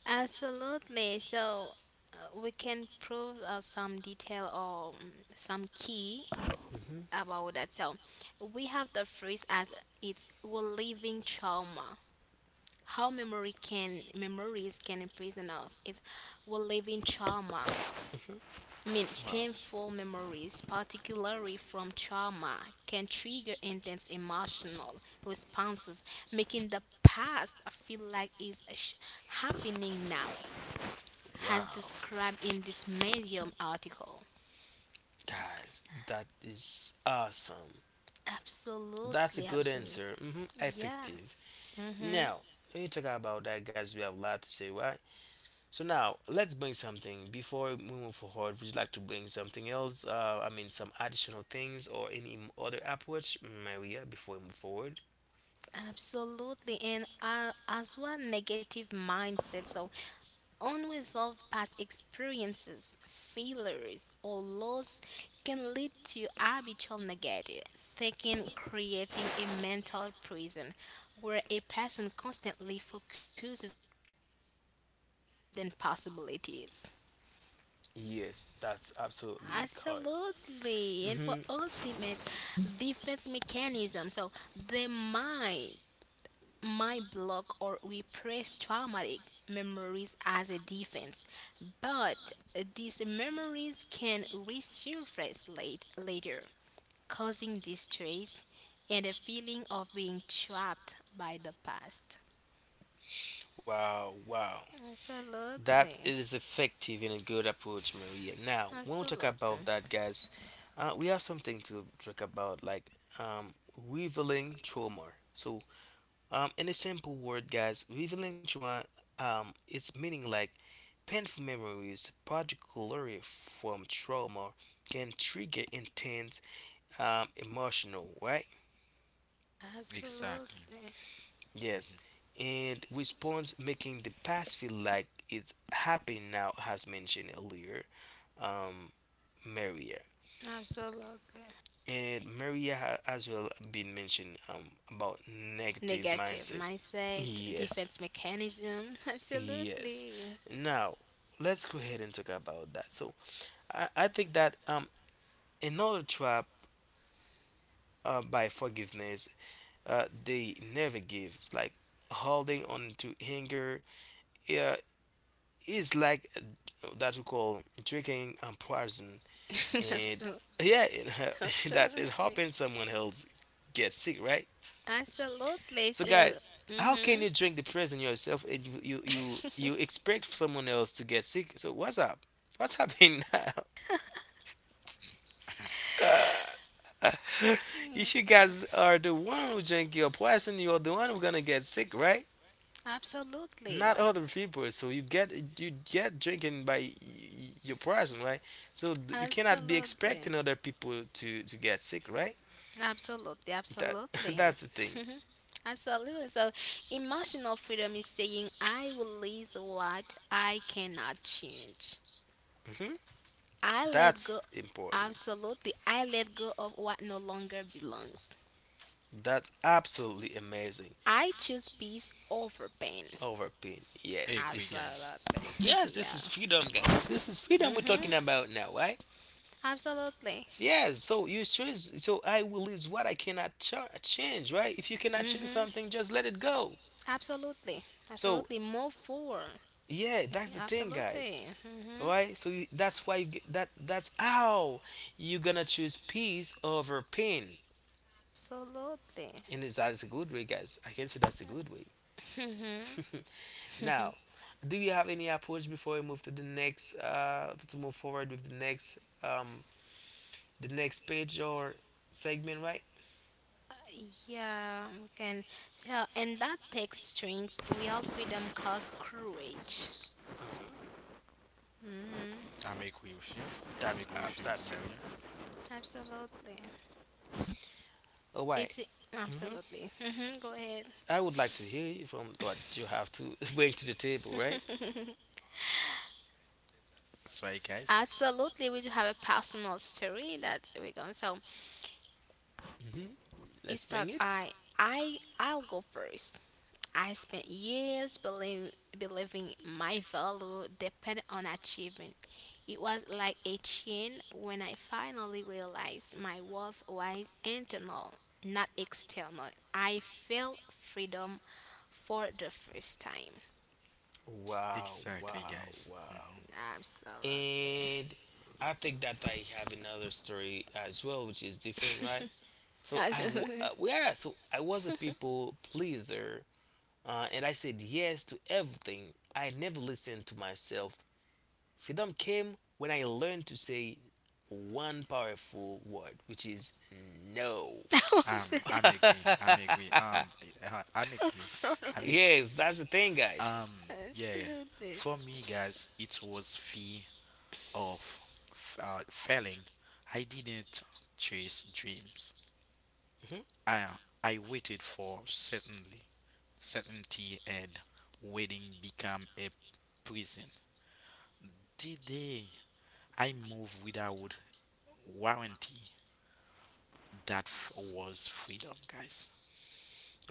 Speaker 2: Absolutely. So uh, we can prove uh, some detail or um, some key
Speaker 1: Hmm
Speaker 2: about that. So we have the phrase as it's we're living trauma. How memory can memories can imprison us. It's we're living trauma. I mean, painful memories, particularly from trauma, can trigger intense emotional responses, making the past feel like it's sh- happening now,
Speaker 1: Wow,
Speaker 2: as described in this Medium article.
Speaker 1: guys, that is awesome. That's a
Speaker 2: Absolutely,
Speaker 1: good
Speaker 2: absolutely.
Speaker 1: answer. Hmm
Speaker 2: Yeah.
Speaker 1: Effective.
Speaker 2: Mm-hmm.
Speaker 1: Now, when you talk about that, guys, we have a lot to say, right? So now, let's bring something before we move forward. Would you like to bring something else? Uh, I mean, some additional things or any other approach, Maria, before we move forward?
Speaker 2: Absolutely. And uh, as well, negative mindset. So, unresolved past experiences, failures, or loss can lead to habitual negative thinking, creating a mental prison where a person constantly focuses on possibilities.
Speaker 1: Yes, that's absolutely correct.
Speaker 2: Absolutely. And for
Speaker 1: Hmm
Speaker 2: ultimate defense mechanism, so the mind my block or repress traumatic memories as a defense, but these memories can resurface late, later, causing distress and a feeling of being trapped by the past.
Speaker 1: Wow, wow. That
Speaker 2: Absolutely.
Speaker 1: is effective and a good approach, Maria. Now, when we talk about
Speaker 2: Absolutely.
Speaker 1: that, guys, uh, we have something to talk about, like um, revealing trauma. So, um, in a simple word, guys, revealing trauma, um, its meaning like painful memories, particularly from trauma, can trigger intense um, emotional, right?
Speaker 3: exactly.
Speaker 2: Absolutely.
Speaker 1: Yes,
Speaker 3: Hmm.
Speaker 1: and response, making the past feel like it's happening now, as mentioned earlier. Um, Maria.
Speaker 2: Absolutely.
Speaker 1: And Maria ha- as well been mentioned um, about negative
Speaker 2: Negative
Speaker 1: mindset.
Speaker 2: mindset,
Speaker 1: Yes,
Speaker 2: defense mechanism. <laughs>
Speaker 1: yes.
Speaker 2: Absolutely.
Speaker 1: Now, let's go ahead and talk about that. So, I, I think that um another trap uh, by forgiveness uh, they never give. It's like holding on to anger. Yeah, is like uh, that we call drinking um, poison,
Speaker 2: <laughs>
Speaker 1: and yeah, <laughs> it, that it
Speaker 2: Absolutely.
Speaker 1: happens. Someone else gets sick, right?
Speaker 2: Absolutely.
Speaker 1: So
Speaker 2: Uh,
Speaker 1: guys, how can
Speaker 2: mhm.
Speaker 1: you drink the poison yourself and you you you, you
Speaker 2: <laughs>
Speaker 1: expect someone else to get sick? So what's up? What's happening now?
Speaker 3: <laughs>
Speaker 1: <laughs> if you
Speaker 2: Listen.
Speaker 1: guys are the one who drink your poison, you're the one who gonna get sick, right?
Speaker 2: Absolutely
Speaker 1: Not
Speaker 2: right.
Speaker 1: other people. So you get you get drinking by y- y- your poison, right? So th- you cannot be
Speaker 2: Absolutely.
Speaker 1: expecting other people to to get sick, right?
Speaker 2: Absolutely.
Speaker 1: That <laughs>
Speaker 2: Absolutely.
Speaker 1: that's the
Speaker 2: <laughs>
Speaker 1: thing.
Speaker 2: Absolutely. So, emotional freedom is saying, I release what I cannot change.
Speaker 1: Hmm
Speaker 2: I let
Speaker 1: That's
Speaker 2: go.
Speaker 1: important.
Speaker 2: Absolutely. I let go of what no longer belongs.
Speaker 1: That's absolutely amazing.
Speaker 2: I choose peace over pain.
Speaker 1: Overpin.
Speaker 3: I
Speaker 1: Yes,
Speaker 3: agree,
Speaker 1: this is
Speaker 3: guys.
Speaker 2: Absolutely.
Speaker 1: yes, this
Speaker 2: <laughs>
Speaker 1: is
Speaker 2: Yeah.
Speaker 1: freedom, guys. This is freedom we're
Speaker 2: Hmm.
Speaker 1: talking about now, right?
Speaker 2: Absolutely.
Speaker 1: So, yes. So you choose. So I will is what I cannot ch- change, right? If you cannot change
Speaker 2: Mm-hmm.
Speaker 1: something, just let it go.
Speaker 2: Absolutely.
Speaker 1: So
Speaker 2: Absolutely. Move forward. <laughs>
Speaker 1: yeah, that's
Speaker 2: Mhm.
Speaker 1: the thing, guys.
Speaker 2: Absolutely.
Speaker 1: All
Speaker 2: Hmm.
Speaker 1: right. So you, that's why you get, that that's how you're gonna choose peace over pain.
Speaker 2: Absolutely.
Speaker 1: And is that's a good way, guys. I can say that's a good way.
Speaker 2: Hmm.
Speaker 1: <laughs> now, do you have any approach before we move to the next? Uh, to move forward with the next um the next page or segment, right?
Speaker 2: Yeah, we can. So, and that takes strength. Real freedom costs courage.
Speaker 1: Mhm.
Speaker 2: Hmm.
Speaker 3: I'm agree with you. I'm
Speaker 1: That's
Speaker 3: agree
Speaker 1: uh,
Speaker 3: with you,
Speaker 2: Abs-
Speaker 1: that's it.
Speaker 3: Marian.
Speaker 2: absolutely.
Speaker 1: All right.
Speaker 2: It's
Speaker 1: Mm-hmm.
Speaker 2: absolutely. Hmm. Go ahead.
Speaker 1: I would like to hear you from what you have to <laughs> bring to the table, right?
Speaker 3: That's right, guys.
Speaker 2: Absolutely, we do have a personal story that we go. So
Speaker 1: Mm-hmm. Let's
Speaker 2: it's
Speaker 1: bring
Speaker 2: that
Speaker 1: it.
Speaker 2: I I I'll go first. I spent years believe, believing my value depended on achievement. It was like a chain when I finally realized my worth was internal, not external. I felt freedom for the first time.
Speaker 1: Wow,
Speaker 3: Exactly,
Speaker 1: wow,
Speaker 3: guys.
Speaker 1: wow.
Speaker 3: Hmm.
Speaker 2: Absolutely.
Speaker 1: And I think that I have another story as well, which is different, right? So I, w-
Speaker 2: Absolutely.
Speaker 1: uh, yeah, so I was a people pleaser, uh, and I said yes to everything. I never listened to myself. Freedom came when I learned to say one powerful word, which is no.
Speaker 2: <laughs> I would
Speaker 3: Um,
Speaker 2: say
Speaker 3: I'm agree.
Speaker 1: <laughs>
Speaker 3: I'm agree. Um, uh, I'm agree.
Speaker 2: so.
Speaker 3: I'm agree.
Speaker 1: yes, that's the thing, guys.
Speaker 3: Um, yeah.
Speaker 2: Absolutely.
Speaker 3: For me, guys, it was fear of f- uh, failing. I didn't chase dreams.
Speaker 1: Mhm.
Speaker 3: I I waited for certainty. Certainty and waiting become a prison. Today, I move without warranty. that f- was freedom, guys.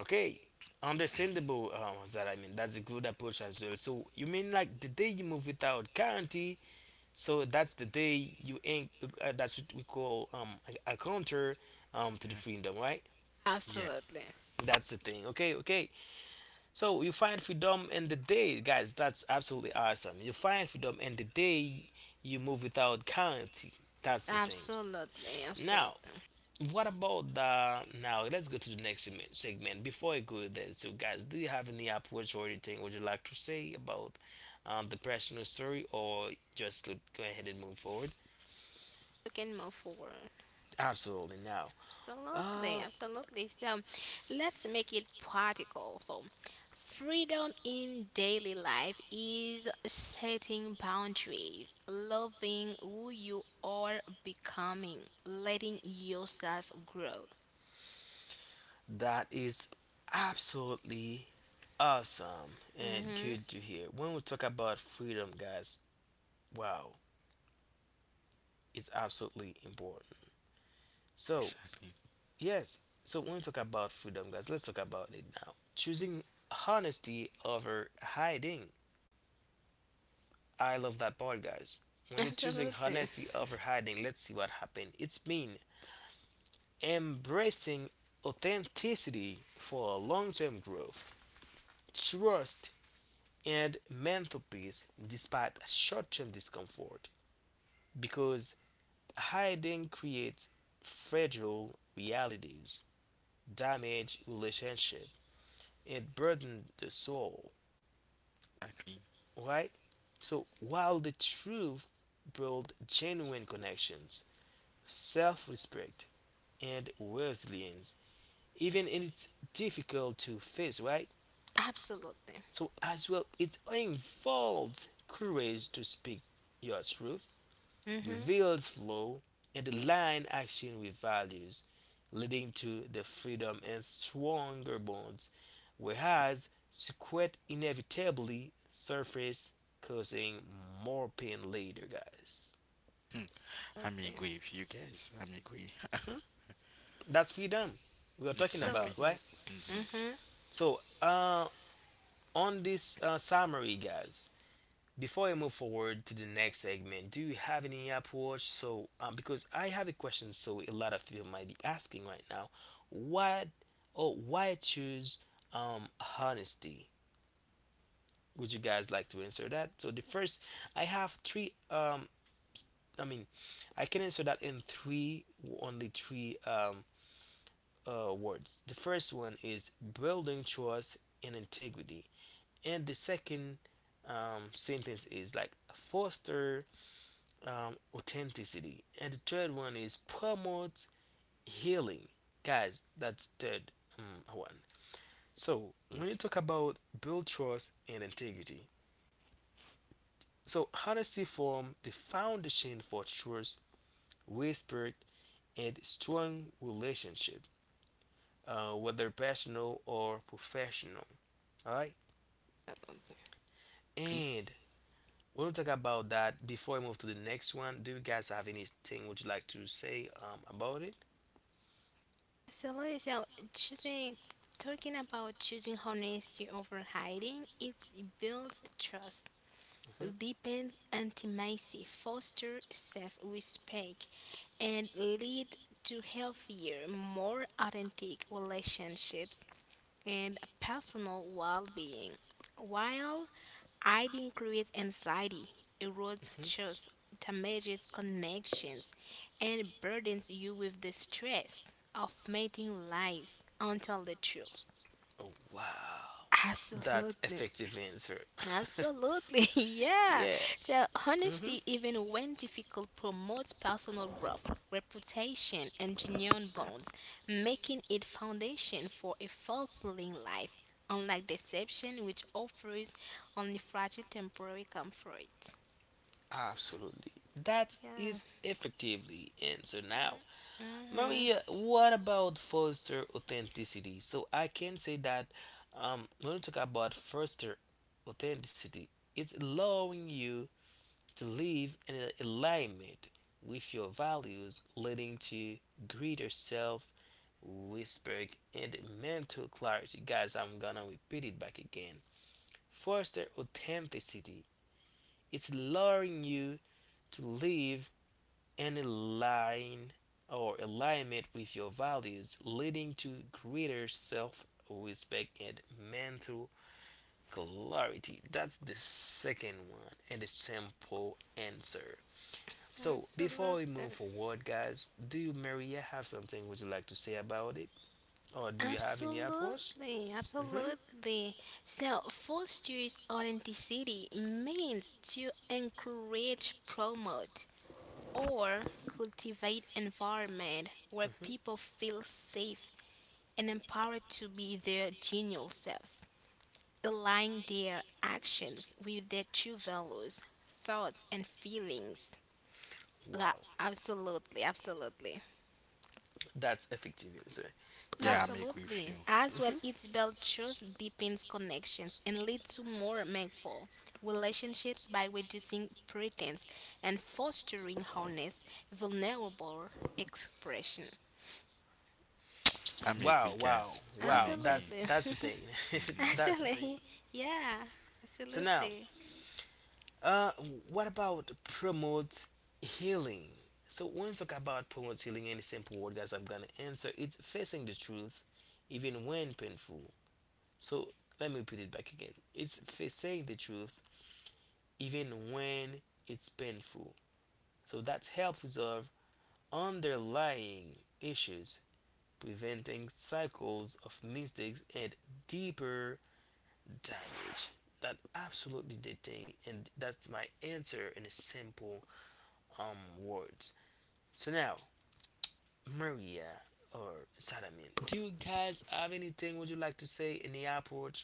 Speaker 1: Okay, understandable. Uh, what's that I mean, that's a good approach as well. So you mean like the day you move without guarantee, so that's the day you ain't. Uh, that's what we call um a, a counter um to the freedom, right?
Speaker 3: Yeah,
Speaker 2: Absolutely.
Speaker 1: That's the thing. Okay, okay. So you find freedom in the day, guys. That's absolutely awesome. You find freedom in the day you move without guarantee. That's the thing.
Speaker 2: Absolutely.
Speaker 1: Now,
Speaker 2: Absolutely.
Speaker 1: what about the now? Let's go to the next segment. segment. Before I go there, so guys, do you have any approach or anything would you like to say about um, the personal story, or just look, go ahead and move forward?
Speaker 2: You can move forward.
Speaker 1: Absolutely. Now,
Speaker 2: Absolutely,
Speaker 1: uh,
Speaker 2: absolutely. So let's make it practical. So, freedom in daily life is setting boundaries, loving who you are becoming, letting yourself grow.
Speaker 1: that is absolutely awesome and
Speaker 2: Mm-hmm.
Speaker 1: good to hear. When we talk about freedom, guys, wow, it's absolutely important. So,
Speaker 3: exactly,
Speaker 1: yes, so when we talk about freedom, guys, let's talk about it now. Choosing honesty over hiding. I love that part, guys. When you're choosing
Speaker 2: Absolutely,
Speaker 1: honesty over hiding, let's see what happens. It's mean embracing authenticity for long term growth. Trust and mental peace despite short term discomfort, because hiding creates fragile realities, damage relationship, and burden the soul,
Speaker 3: exactly.
Speaker 1: right? So while the truth builds genuine connections, self respect, and resilience, even if it's difficult to face, right?
Speaker 2: absolutely.
Speaker 1: So as well, it involves courage to speak your truth,
Speaker 2: Mm-hmm.
Speaker 1: reveals flow and the line action with values, leading to the freedom and stronger bonds, whereas secret inevitably surface, causing more pain later, guys.
Speaker 3: Hmm. I'm
Speaker 2: Absolutely.
Speaker 3: agree with you guys. I'm agree. <laughs>
Speaker 1: That's freedom we are talking about,
Speaker 3: Exactly.
Speaker 2: Absolutely.
Speaker 1: right?
Speaker 3: Mm-hmm.
Speaker 2: Mm-hmm.
Speaker 1: So, uh, on this uh, summary, guys, before I move forward to the next segment, do you have any Apple Watch? So, um, because I have a question, so a lot of people might be asking right now, what or why choose um honesty? Would you guys like to answer that? So the first, I have three um, s- I mean, I can answer that in three only three um uh words. The first one is building trust and integrity, and the second um sentence is like foster um, authenticity. And the third one is promote healing. Guys, that's third um, one. So when you talk about build trust and integrity, so honesty form the foundation for trust, respect, and strong relationship, uh, whether personal or professional. All right,
Speaker 3: Okay.
Speaker 1: and we'll talk about that before I move to the next one. Do you guys have anything would you like to say um, about it?
Speaker 2: Absolutely. So, choosing, talking about choosing honesty over hiding, it builds trust
Speaker 1: Hmm
Speaker 2: deepens intimacy, foster self respect, and lead to healthier, more authentic relationships and personal well being. While hiding creates anxiety, erodes
Speaker 1: hmm
Speaker 2: trust, damages connections, and burdens you with the stress of mating lies until the truth.
Speaker 1: Oh, wow, that's
Speaker 2: Absolutely.
Speaker 1: effective answer. <laughs>
Speaker 2: Absolutely, <laughs> yeah.
Speaker 1: yeah,
Speaker 2: So,
Speaker 1: hmm
Speaker 2: honesty, even when difficult, promotes personal growth, reputation, and genuine bonds, making it foundation for a fulfilling life. Unlike deception, which offers only fragile temporary comfort.
Speaker 1: absolutely. That
Speaker 2: Yeah.
Speaker 1: is effectively answer now.
Speaker 2: Mhm.
Speaker 1: Maria, what about foster authenticity? So I can say that um, when we talk about foster authenticity, it's allowing you to live in alignment with your values, leading to greater self Whispering and mental clarity. Guys, I'm gonna repeat it back again. Foster authenticity. It's allowing you to live and align or alignment with your values, leading to greater self respect and mental clarity. That's the second one and a simple answer. So before we move
Speaker 2: Absolutely.
Speaker 1: forward, guys, do you Maria have something would you like to say about it, or do you have any approach?
Speaker 2: Absolutely,
Speaker 1: Hmm.
Speaker 2: absolutely. So, fosters authenticity means to encourage, promote, or cultivate environment where
Speaker 1: Hmm.
Speaker 2: people feel safe and empowered to be their genuine selves, align their actions with their true values, thoughts, and feelings. La-
Speaker 1: Wow,
Speaker 2: absolutely, absolutely.
Speaker 1: that's effective. You'll say.
Speaker 3: Yeah,
Speaker 1: Now,
Speaker 3: I'm agree with
Speaker 2: Absolutely.
Speaker 3: you.
Speaker 2: As well, it's builds trust, deepens connections, and leads to more meaningful relationships by reducing pretense and fostering honest, vulnerable expression.
Speaker 3: I'm
Speaker 1: wow,
Speaker 3: agree,
Speaker 1: wow,
Speaker 3: guys. I'm
Speaker 1: wow. That's
Speaker 3: agree.
Speaker 2: Absolutely.
Speaker 1: that's the thing. <laughs>
Speaker 2: <laughs>
Speaker 1: That's the
Speaker 3: Mm-hmm.
Speaker 1: thing.
Speaker 2: Absolutely. Yeah.
Speaker 1: So now,
Speaker 2: Absolutely.
Speaker 1: uh, what about promote healing? So when we talk about promote healing, any simple word, guys, I'm gonna answer. It's facing the truth, even when painful. So let me put it back again. It's facing the truth, even when it's painful. So that helps resolve underlying issues preventing cycles of mistakes and deeper damage. That absolutely the thing, and that's my answer in a simple um words. So now, Maria or Salamin, do you guys have anything would you like to say in the airport?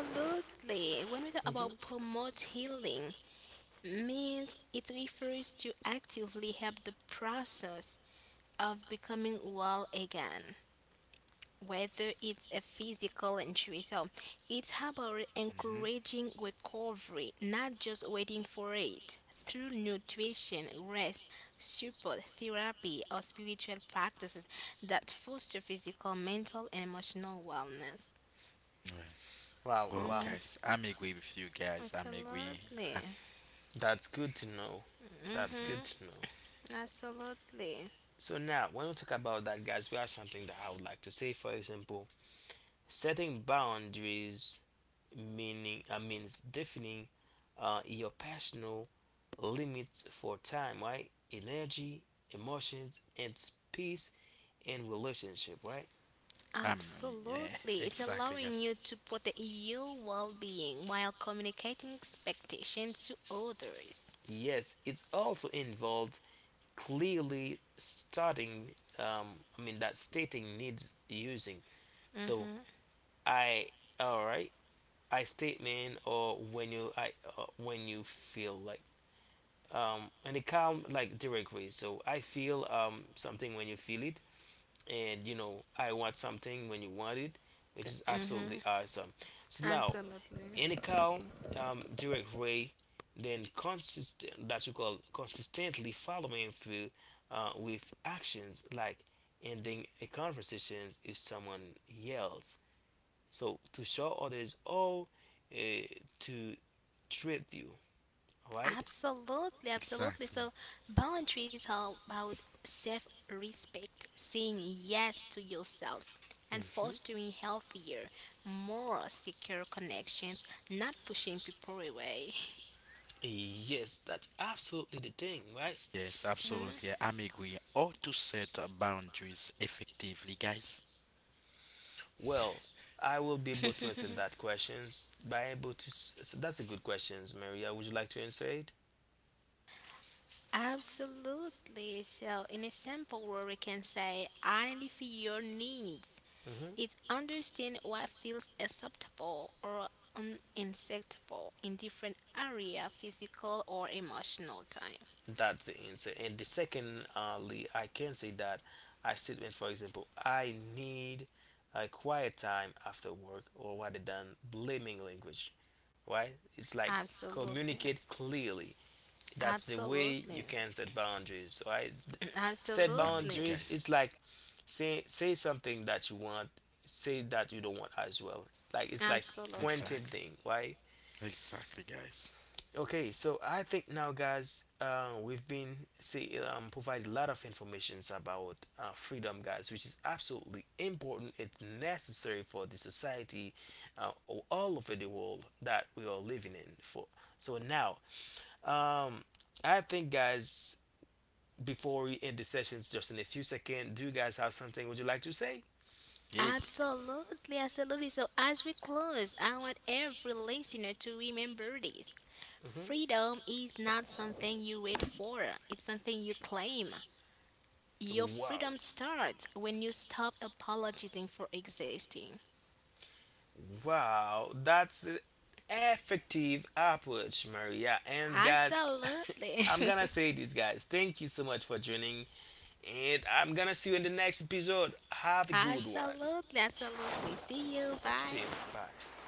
Speaker 1: Approach?
Speaker 2: When we talk
Speaker 1: Hmm.
Speaker 2: about promote healing, means it refers to actively help the process of becoming well again, whether it's a physical injury. So it's about
Speaker 3: Mm-hmm.
Speaker 2: encouraging recovery, not just waiting for it. Through nutrition, rest, support, therapy, or spiritual practices that foster physical, mental, and emotional wellness.
Speaker 3: Right.
Speaker 1: Wow,
Speaker 3: Whoa,
Speaker 1: wow,
Speaker 2: Hmm.
Speaker 3: guys. I'm agree with you, guys. I'm agree.
Speaker 2: Absolutely.
Speaker 3: <laughs>
Speaker 1: that's good to know. That's good
Speaker 3: mm-hmm.
Speaker 1: to know.
Speaker 2: Absolutely.
Speaker 1: So now, when we talk about that, guys, we have something that I would like to say. For example, setting boundaries meaning uh, means defining uh, your personal limits for time, right? Energy, emotions, and space in relationship, right?
Speaker 3: I'm Yeah.
Speaker 2: Absolutely. It's
Speaker 3: Exactly,
Speaker 2: allowing
Speaker 3: guys.
Speaker 2: you to protect your well being while communicating expectations to others.
Speaker 1: Yes, it's also involved clearly starting. Um, I mean that stating needs using. So I, all right, I statement or when you I, uh, when you feel like um, and it come like directly. So I feel um, something when you feel it, and you know I want something when you want it, which is
Speaker 2: Mhm.
Speaker 1: absolutely awesome. So now
Speaker 2: Absolutely.
Speaker 1: any calm um, direct way, then consistent that we call consistently following through uh, with actions like ending a conversations if someone yells. So to show others, oh, uh, to treat you, all right?
Speaker 2: Absolutely, absolutely.
Speaker 3: Exactly.
Speaker 2: So boundaries are about self-respect, saying yes to yourself and fostering healthier, more secure connections, not pushing people away.
Speaker 1: Yes, that's absolutely the thing, right?
Speaker 3: Yes, absolutely.
Speaker 2: <laughs>
Speaker 3: I'm agree. Or to set uh, boundaries effectively, guys.
Speaker 1: Well, I will be able to answer that questions by able to. s- So that's a good questions, Maria. Would you like to answer it?
Speaker 2: Absolutely. So, in a simple word, we can say identify your needs.
Speaker 1: Hmm.
Speaker 2: It's understand what feels acceptable or unacceptable in different area, physical or emotional time.
Speaker 1: That's the answer. And the second, uh, Lee, I can say that I statement, for example, I need a quiet time after work, or rather than blaming language, right? It's like
Speaker 2: Absolutely.
Speaker 1: communicate clearly. That's the way you
Speaker 2: Absolutely.
Speaker 1: can set boundaries, right?
Speaker 2: <clears throat>
Speaker 1: Set
Speaker 3: I'm agree,
Speaker 2: Absolutely.
Speaker 1: boundaries.
Speaker 3: guys.
Speaker 1: It's like say say something that you want, say that you don't want as well. Like it's like
Speaker 2: Absolutely.
Speaker 1: pointing
Speaker 3: Exactly.
Speaker 1: thing, right?
Speaker 3: Exactly, guys.
Speaker 1: Okay, so I think now, guys, uh, we've been see um, provide a lot of informations about uh, freedom, guys, which is absolutely important. It's necessary for the society uh, all over the world that we are living in. For so now, um, I think, guys, before we end the sessions, just in a few seconds, do you guys have something would you like to say?
Speaker 3: Yeah,
Speaker 2: Absolutely, absolutely. So, as we close, I want every listener to remember this.
Speaker 1: Hmm.
Speaker 2: Freedom is not something you wait for, it's something you claim. Your
Speaker 1: Wow.
Speaker 2: freedom starts when you stop apologizing for existing.
Speaker 1: Wow, that's an effective approach, Maria. And guys,
Speaker 2: Absolutely.
Speaker 1: <laughs> I'm gonna
Speaker 2: <laughs>
Speaker 1: say this, guys. Thank you so much for joining, and I'm gonna see you in the next episode. Have a good one.
Speaker 2: Absolutely, absolutely. See you.
Speaker 1: See you.
Speaker 2: Bye.
Speaker 1: Bye.